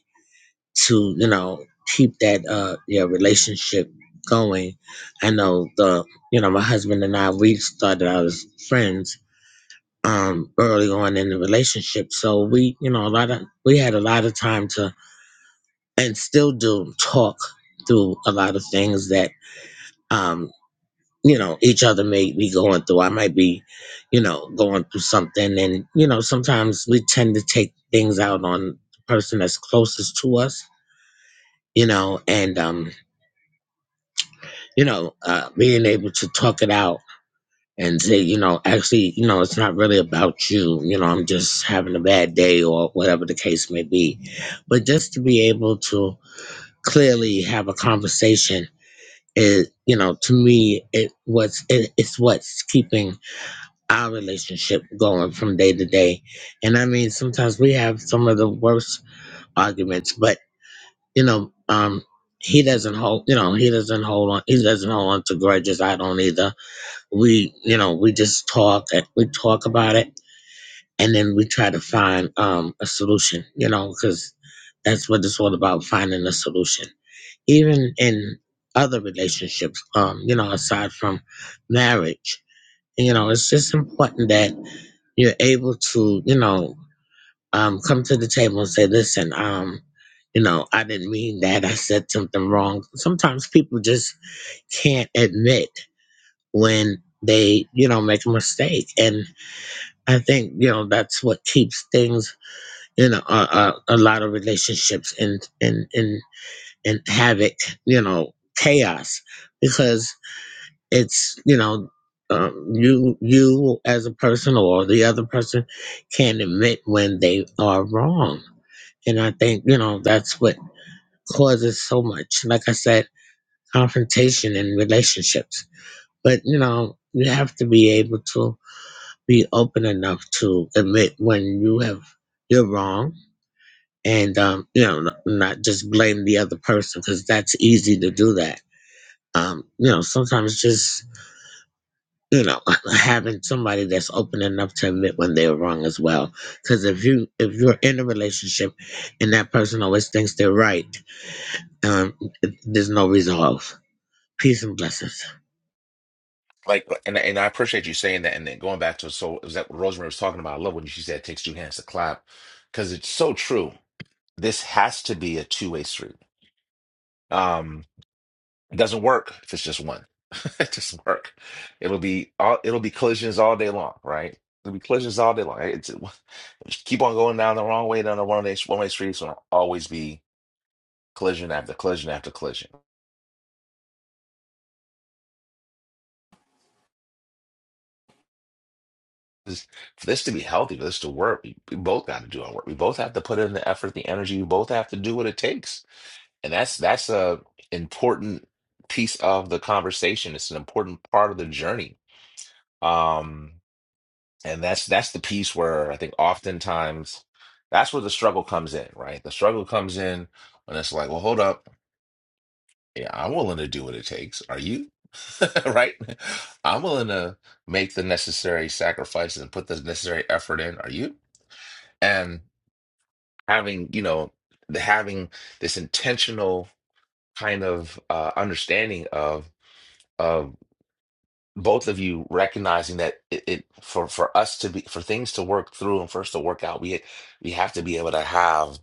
to you know keep that uh yeah relationship going i know the you know my husband and i we started out as friends um early on in the relationship so we you know a lot of we had a lot of time to and still do talk through a lot of things that um you know each other may be going through i might be you know going through something and you know sometimes we tend to take things out on the person that's closest to us you know and um you know, uh, being able to talk it out and say, you know, actually, you know, it's not really about you. You know, I'm just having a bad day or whatever the case may be. But just to be able to clearly have a conversation is, you know, to me, it was it, it's what's keeping our relationship going from day to day. And I mean, sometimes we have some of the worst arguments, but you know, um, he doesn't hold, you know, he doesn't hold on, he doesn't hold on to grudges. I don't either we you know we just talk and we talk about it and then we try to find um a solution you know because that's what it's all about finding a solution even in other relationships um you know aside from marriage you know it's just important that you're able to you know um come to the table and say listen um you know i didn't mean that i said something wrong sometimes people just can't admit when they you know make a mistake and I think you know that's what keeps things you know a, a, a lot of relationships in in in in havoc you know chaos because it's you know um, you you as a person or the other person can admit when they are wrong and I think you know that's what causes so much like I said confrontation in relationships but you know you have to be able to be open enough to admit when you have you're wrong and um, you know n- not just blame the other person because that's easy to do that um, you know sometimes just you know [LAUGHS] having somebody that's open enough to admit when they're wrong as well because if you if you're in a relationship and that person always thinks they're right um, there's no resolve peace and blessings Like, and and I appreciate you saying that. And then going back to so is that what Rosemary was talking about? I love when she said it takes two hands to clap because it's so true. This has to be a two-way street. Um, it doesn't work if it's just one. [LAUGHS] It doesn't work. It'll be all it'll be collisions all day long, right? It'll be collisions all day long. It's, it, [LAUGHS] keep on going down the wrong way down the one-way one-way streets will always be collision after collision after collision. is for this to be healthy, for this to work, we, we both got to do our work. We both have to put in the effort, the energy. We both have to do what it takes, and that's that's a important piece of the conversation. It's an important part of the journey, um, and that's that's the piece where I think oftentimes that's where the struggle comes in. Right, the struggle comes in when it's like, well, hold up, yeah, I'm willing to do what it takes. Are you? [LAUGHS] right, I'm willing to make the necessary sacrifices and put the necessary effort in. Are you? and having you know the, having this intentional kind of uh, understanding of of both of you recognizing that it, it for for us to be for things to work through and for us to work out we we have to be able to have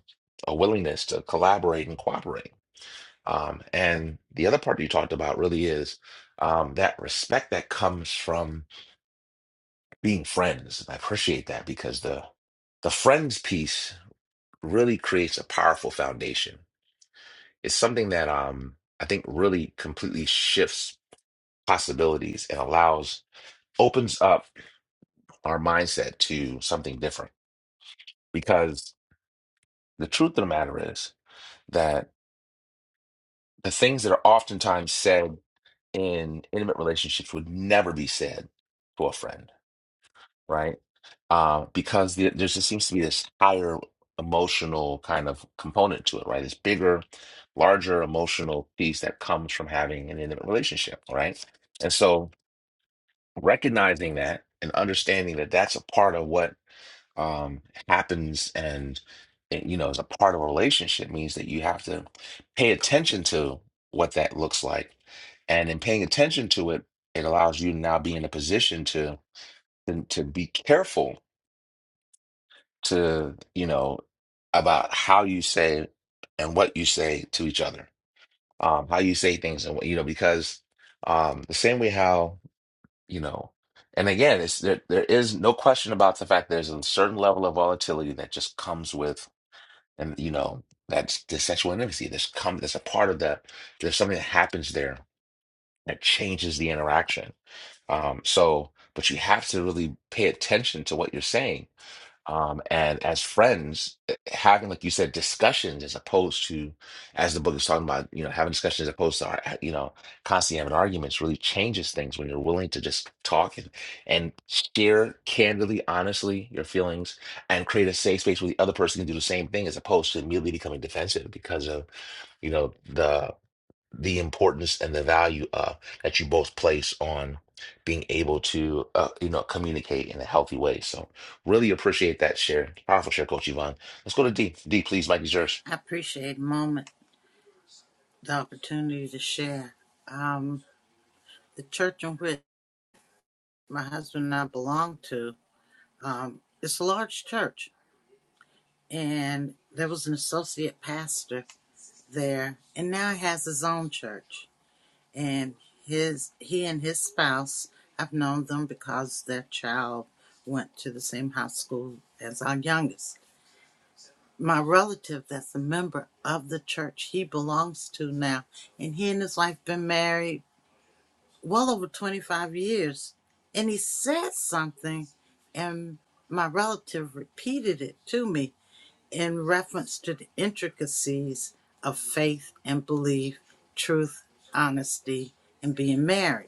a willingness to collaborate and cooperate um, and the other part you talked about really is um, that respect that comes from being friends and I appreciate that because the the friends piece really creates a powerful foundation It's something that um I think really completely shifts possibilities and allows opens up our mindset to something different. Because the truth of the matter is that the things that are oftentimes said in intimate relationships would never be said to a friend, right? Uh, because the, there just seems to be this higher emotional kind of component to it, right? This bigger, larger emotional piece that comes from having an intimate relationship, right? And so recognizing that and understanding that that's a part of what um, happens and, and you know as a part of a relationship means that you have to pay attention to what that looks like and in paying attention to it it allows you to now be in a position to to, to be careful to you know about how you say and what you say to each other um how you say things and what you know because um the same way how. you know. And again, it's there there is no question about the fact there's a certain level of volatility that just comes with and you know, that's the sexual intimacy. There's come there's a part of that there's something that happens there that changes the interaction. Um, so but you have to really pay attention to what you're saying um, and as friends, eh, having, like you said, discussions as opposed to, as the book is talking about, you know, having discussions as opposed to, ar- you know, constantly having arguments really changes things when you're willing to just talk and, and share candidly, honestly, your feelings and create a safe space where the other person can do the same thing as opposed to immediately becoming defensive because of, you know, the the importance and the value uh, that you both place on being able to uh, you know communicate in a healthy way. So really appreciate that share, powerful share, Coach Yvonne. Let's go to D. D, please, Mike is yours. I appreciate moment the opportunity to share. Um, the church in which my husband and I belong to, um, it's a large church, and there was an associate pastor there, and now he has his own church. And his he and his spouse, I've known them because their child went to the same high school as our youngest. My relative, that's a member of the church he belongs to now, and he and his wife been married well over 25 years. And he said something, and my relative repeated it to me in reference to the intricacies of faith and belief, truth, honesty, and being married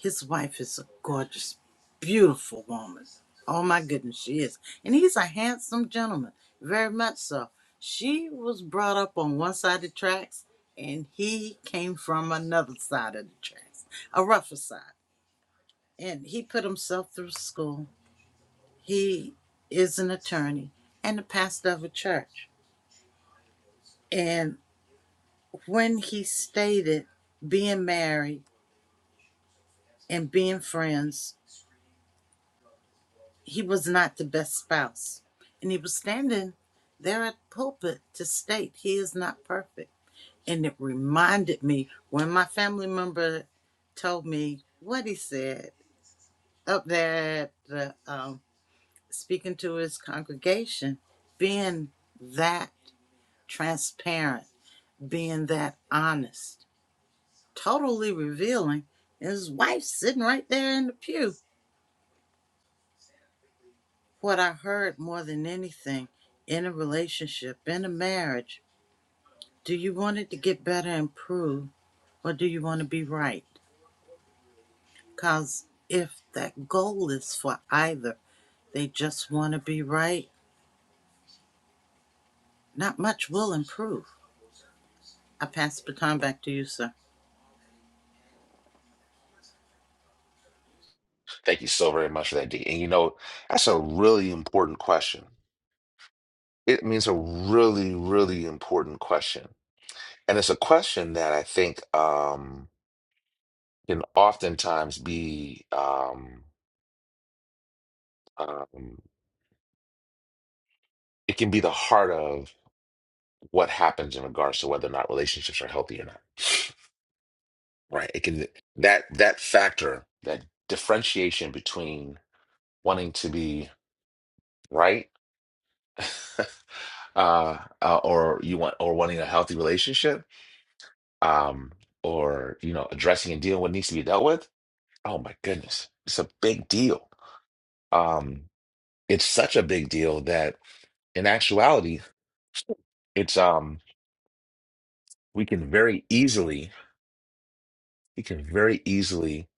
his wife is a gorgeous, beautiful woman. Oh my goodness, she is. And he's a handsome gentleman, very much so. She was brought up on one side of the tracks, and he came from another side of the tracks, a rougher side. And he put himself through school. He is an attorney and the pastor of a church. And when he stated being married and being friends he was not the best spouse. And he was standing there at the pulpit to state he is not perfect. And it reminded me when my family member told me what he said up there at the, um, speaking to his congregation, being that transparent, being that honest, totally revealing. And his wife sitting right there in the pew. What I heard more than anything in a relationship, in a marriage, Do you want it to get better and improve, or do you want to be right? Because if that goal is for either, they just want to be right, not much will improve. I pass the baton back to you, sir. Thank you so very much for that, D. And you know that's a really important question. It means a really, really important question, and it's a question that I think um, can oftentimes be um, um, it can be the heart of what happens in regards to whether or not relationships are healthy or not. [SIGHS] Right. It can that that factor, that differentiation between wanting to be right [LAUGHS] uh, uh or you want or wanting a healthy relationship, um, or you know, addressing and dealing what needs to be dealt with. Oh my goodness. It's a big deal. Um, it's such a big deal that in actuality, it's um we can very easily you can very easily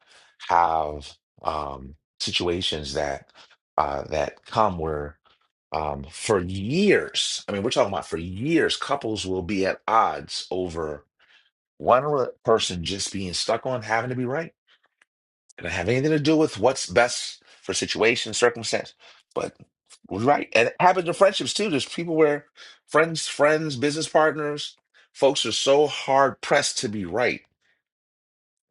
have um, situations that uh, that come where um, for years, I mean, we're talking about for years, couples will be at odds over one re- person just being stuck on having to be right. It doesn't have anything to do with what's best for situation, circumstance, but we right. And it happens in friendships too. There's people where friends, friends, business partners, folks are so hard pressed to be right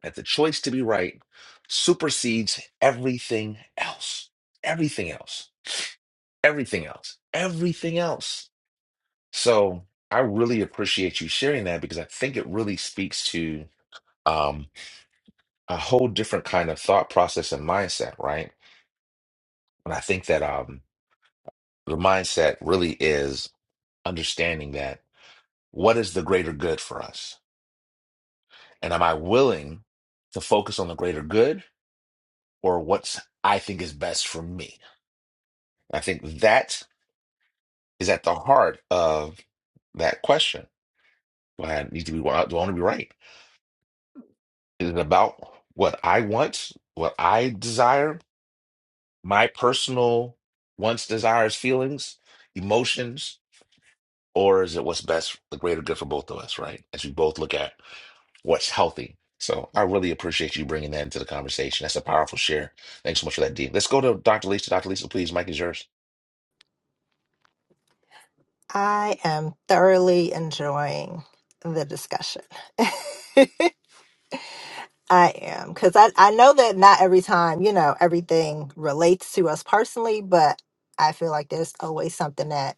that the choice to be right supersedes everything else. Everything else. Everything else. Everything else. So I really appreciate you sharing that because I think it really speaks to um, a whole different kind of thought process and mindset, right? And I think that um, the mindset really is understanding that what is the greater good for us? And am I willing to focus on the greater good or what's I think is best for me? I think that is at the heart of that question. Do I need to be? Do I want to be right? Is it about what I want, what I desire, my personal wants, desires, feelings, emotions, or is it what's best, for the greater good for both of us? Right? As we both look at what's healthy. So I really appreciate you bringing that into the conversation. That's a powerful share. Thanks so much for that, Dean. Let's go to Dr. Lisa. Dr. Lisa, please, Mike is yours. I am thoroughly enjoying the discussion. [LAUGHS] I am because I, I know that not every time, you know, everything relates to us personally, but I feel like there's always something that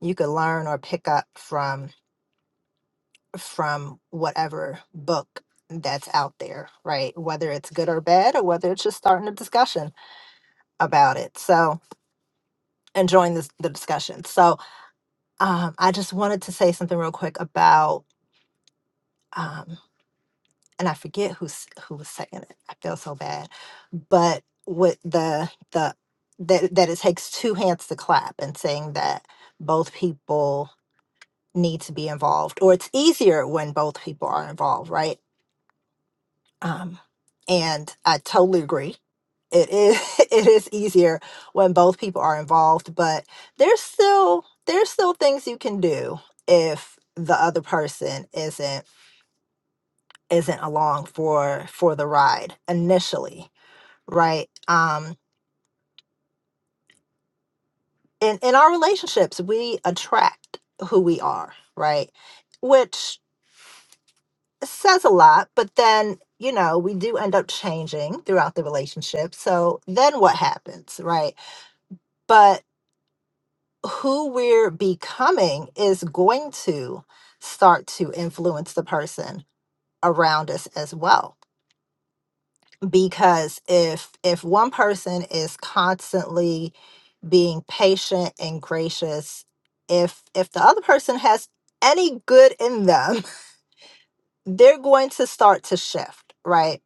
you could learn or pick up from from whatever book that's out there, right? Whether it's good or bad or whether it's just starting a discussion about it. So enjoying this the discussion. So um I just wanted to say something real quick about um, and I forget who's who was saying it. I feel so bad, but with the the that that it takes two hands to clap and saying that both people need to be involved, or it's easier when both people are involved, right? Um, and I totally agree. It is [LAUGHS] it is easier when both people are involved, but there's still there's still things you can do if the other person isn't isn't along for for the ride initially right? Um, in in our relationships, we attract who we are, right? Which says a lot, but then you know we do end up changing throughout the relationship. So then what happens, right? But who we're becoming is going to start to influence the person around us as well because if if one person is constantly being patient and gracious if if the other person has any good in them [LAUGHS] they're going to start to shift right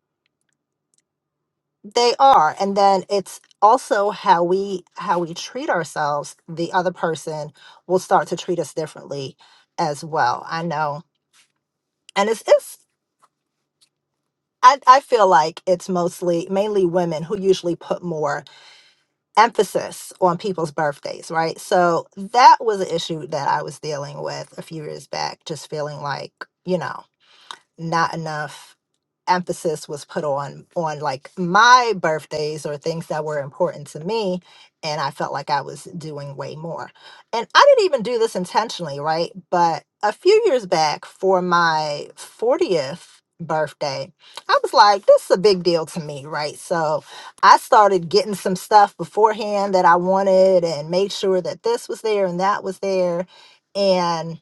they are and then it's also how we how we treat ourselves the other person will start to treat us differently as well i know and it's it's i, I feel like it's mostly mainly women who usually put more emphasis on people's birthdays, right? So that was an issue that I was dealing with a few years back, just feeling like, you know not enough emphasis was put on on like my birthdays or things that were important to me and I felt like I was doing way more. And I didn't even do this intentionally, right? But a few years back for my 40th birthday, I was like this is a big deal to me, right? So I started getting some stuff beforehand that I wanted and made sure that this was there and that was there and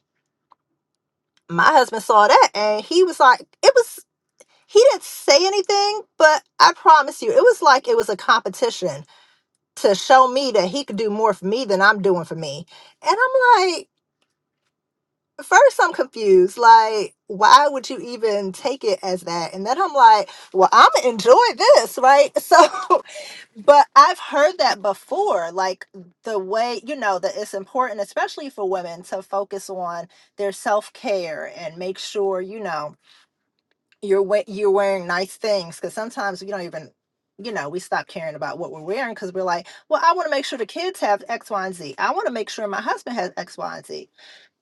my husband saw that and he was like it was he didn't say anything, but I promise you, it was like it was a competition to show me that he could do more for me than I'm doing for me. And I'm like, first, I'm confused. Like, why would you even take it as that? And then I'm like, well, I'm gonna enjoy this, right? [LAUGHS] So, but I've heard that before. Like, the way, you know, that it's important, especially for women, to focus on their self care and make sure, you know, you're we- you're wearing nice things because sometimes we don't even you know we stop caring about what we're wearing because we're like well i want to make sure the kids have x y and z i want to make sure my husband has x y and z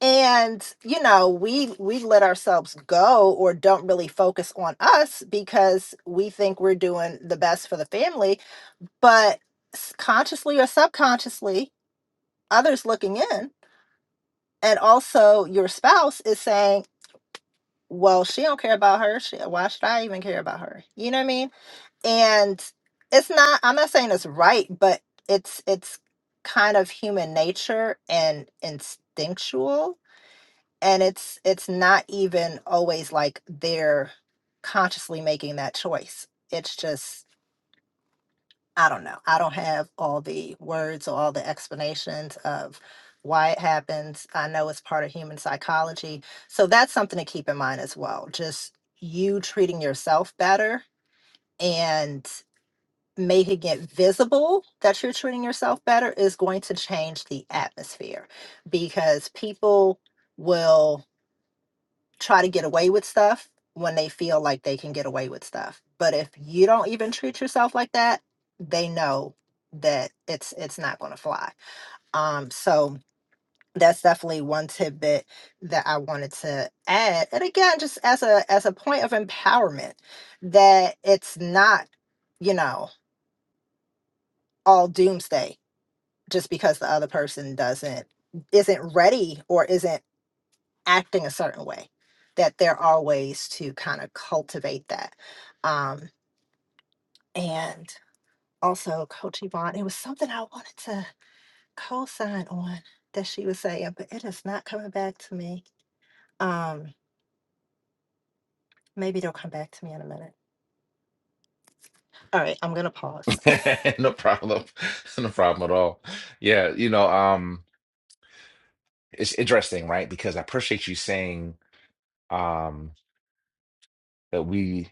and you know we we let ourselves go or don't really focus on us because we think we're doing the best for the family but s- consciously or subconsciously others looking in and also your spouse is saying well she don't care about her she, why should i even care about her you know what i mean and it's not i'm not saying it's right but it's it's kind of human nature and instinctual and it's it's not even always like they're consciously making that choice it's just i don't know i don't have all the words or all the explanations of why it happens i know it's part of human psychology so that's something to keep in mind as well just you treating yourself better and making it visible that you're treating yourself better is going to change the atmosphere because people will try to get away with stuff when they feel like they can get away with stuff. But if you don't even treat yourself like that, they know that it's it's not going to fly. Um so that's definitely one tidbit that I wanted to add. And again, just as a as a point of empowerment that it's not, you know, all doomsday just because the other person doesn't isn't ready or isn't acting a certain way that there are ways to kind of cultivate that um and also coach yvonne it was something i wanted to co-sign on that she was saying but it is not coming back to me um maybe it'll come back to me in a minute all right i'm gonna pause [LAUGHS] no problem. [LAUGHS] No problem at all. Yeah, you know, um, it's interesting, right? Because I appreciate you saying um, that we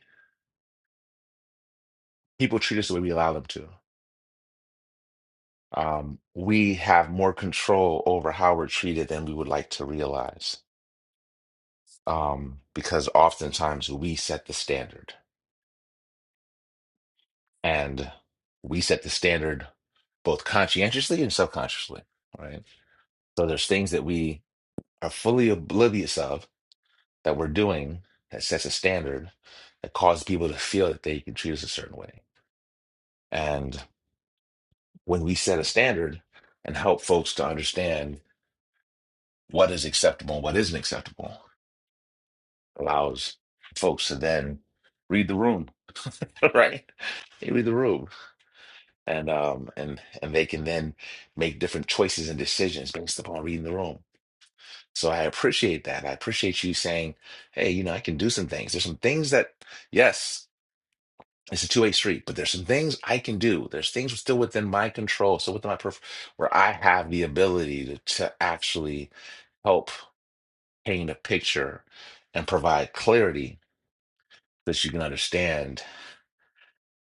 people treat us the way we allow them to. Um, we have more control over how we're treated than we would like to realize, um, because oftentimes we set the standard, and we set the standard both conscientiously and subconsciously, right? So there's things that we are fully oblivious of that we're doing that sets a standard that causes people to feel that they can treat us a certain way, and. when we set a standard and help folks to understand what is acceptable and what isn't acceptable allows folks to then read the room [LAUGHS] right they read the room and um and and they can then make different choices and decisions based upon reading the room so i appreciate that i appreciate you saying hey you know i can do some things there's some things that yes it's a two-way street but there's some things i can do there's things still within my control so within my perf- where i have the ability to, to actually help paint a picture and provide clarity so that you can understand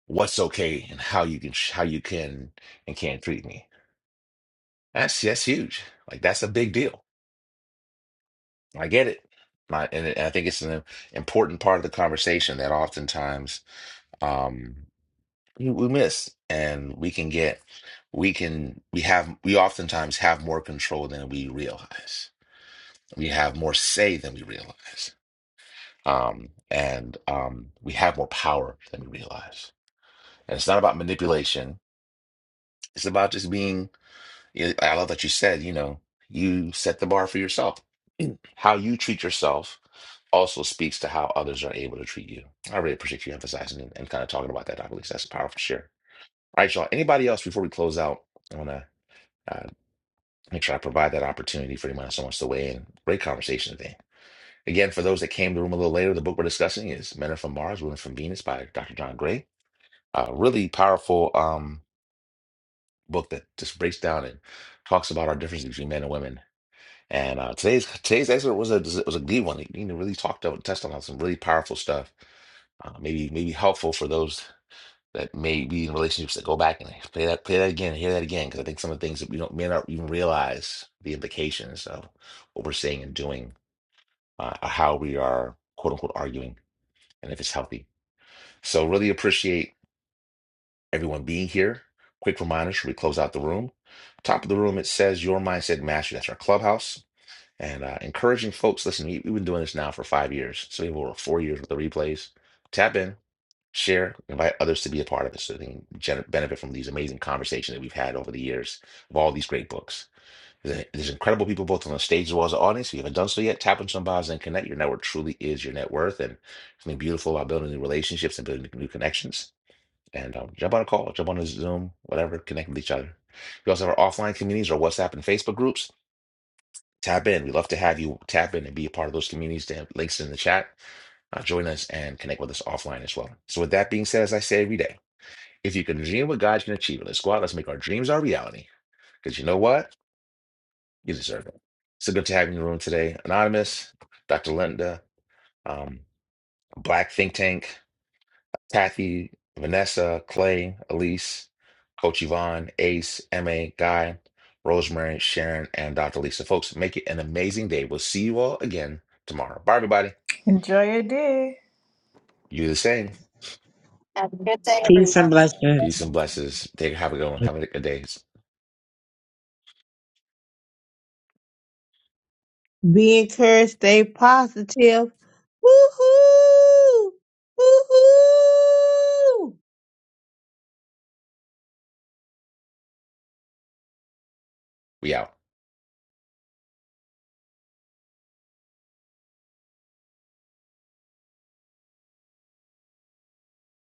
what's okay and how you can how you can and can treat me. That's that's huge. Like that's a big deal. I get it. My, and I think it's an important part of the conversation that oftentimes um, we we miss, and we can get, we can, we have, we oftentimes have more control than we realize. We have more say than we realize, um, and um, we have more power than we realize And it's not about manipulation. It's about just being, I love that you said, you know, you set the bar for yourself. [CLEARS THROAT] How you treat yourself also speaks to how others are able to treat you. I really appreciate you emphasizing and, and kind of talking about that, Dr. Lisa. That's powerful to share. All right, y'all. Anybody else before we close out? I want to uh, make sure I provide that opportunity for anyone else who wants to weigh in. Great conversation today. Again, for those that came to the room a little later, the book we're discussing is Men Are From Mars, Women Are From Venus by Dr. John Gray. Uh, really powerful. Um, book that just breaks down and talks about our differences between men and women. And uh, today's today's excerpt was a was a good one. It you know, really talked about touched on some really powerful stuff. Uh, maybe maybe helpful for those that may be in relationships that go back and play that play that again, hear that again, because I think some of the things that we don't may not even realize the implications of what we're saying and doing, uh, or how we are quote unquote arguing, and if it's healthy. So really appreciate. everyone being here. Quick reminder: should we close out the room? Top of the room, it says "Your Mindset Mastery." That's our clubhouse, and uh, encouraging folks. Listen, we, we've been doing this now for five years, so we have over four years with the replays. Tap in, share, invite others to be a part of it, so they can gen- benefit from these amazing conversations that we've had over the years of all these great books. There's there's incredible people both on the stage as well as the audience. If you haven't done so yet, tap into some bios and connect. Your network truly is your net worth, and something beautiful about building new relationships and building new connections and um, jump on a call, jump on a Zoom, whatever, connect with each other. We also have our offline communities, our WhatsApp and Facebook groups. Tap in. we love to have you tap in and be a part of those communities. They have links in the chat. Uh, join us and connect with us offline as well. So, with that being said, as I say every day, if you can dream what God can achieve, it, let's go out, let's make our dreams our reality. Because you know what? You deserve it. So good to have you in the room today. Anonymous, Dr. Linda, um, Black Think Tank. Kathy, Vanessa, Clay, Elise, Coach Yvonne, Ace, MA, Guy, Rosemary, Sharon, and Dr. Lisa. Folks, make it an amazing day. We'll see you all again tomorrow. Bye, everybody. Enjoy your day. You the same. Have a good day, Peace everyone. and blessings. Peace and blessings. Take have a good one. Have a good day. Be encouraged, stay positive. Woo-hoo! Woo-hoo! We out.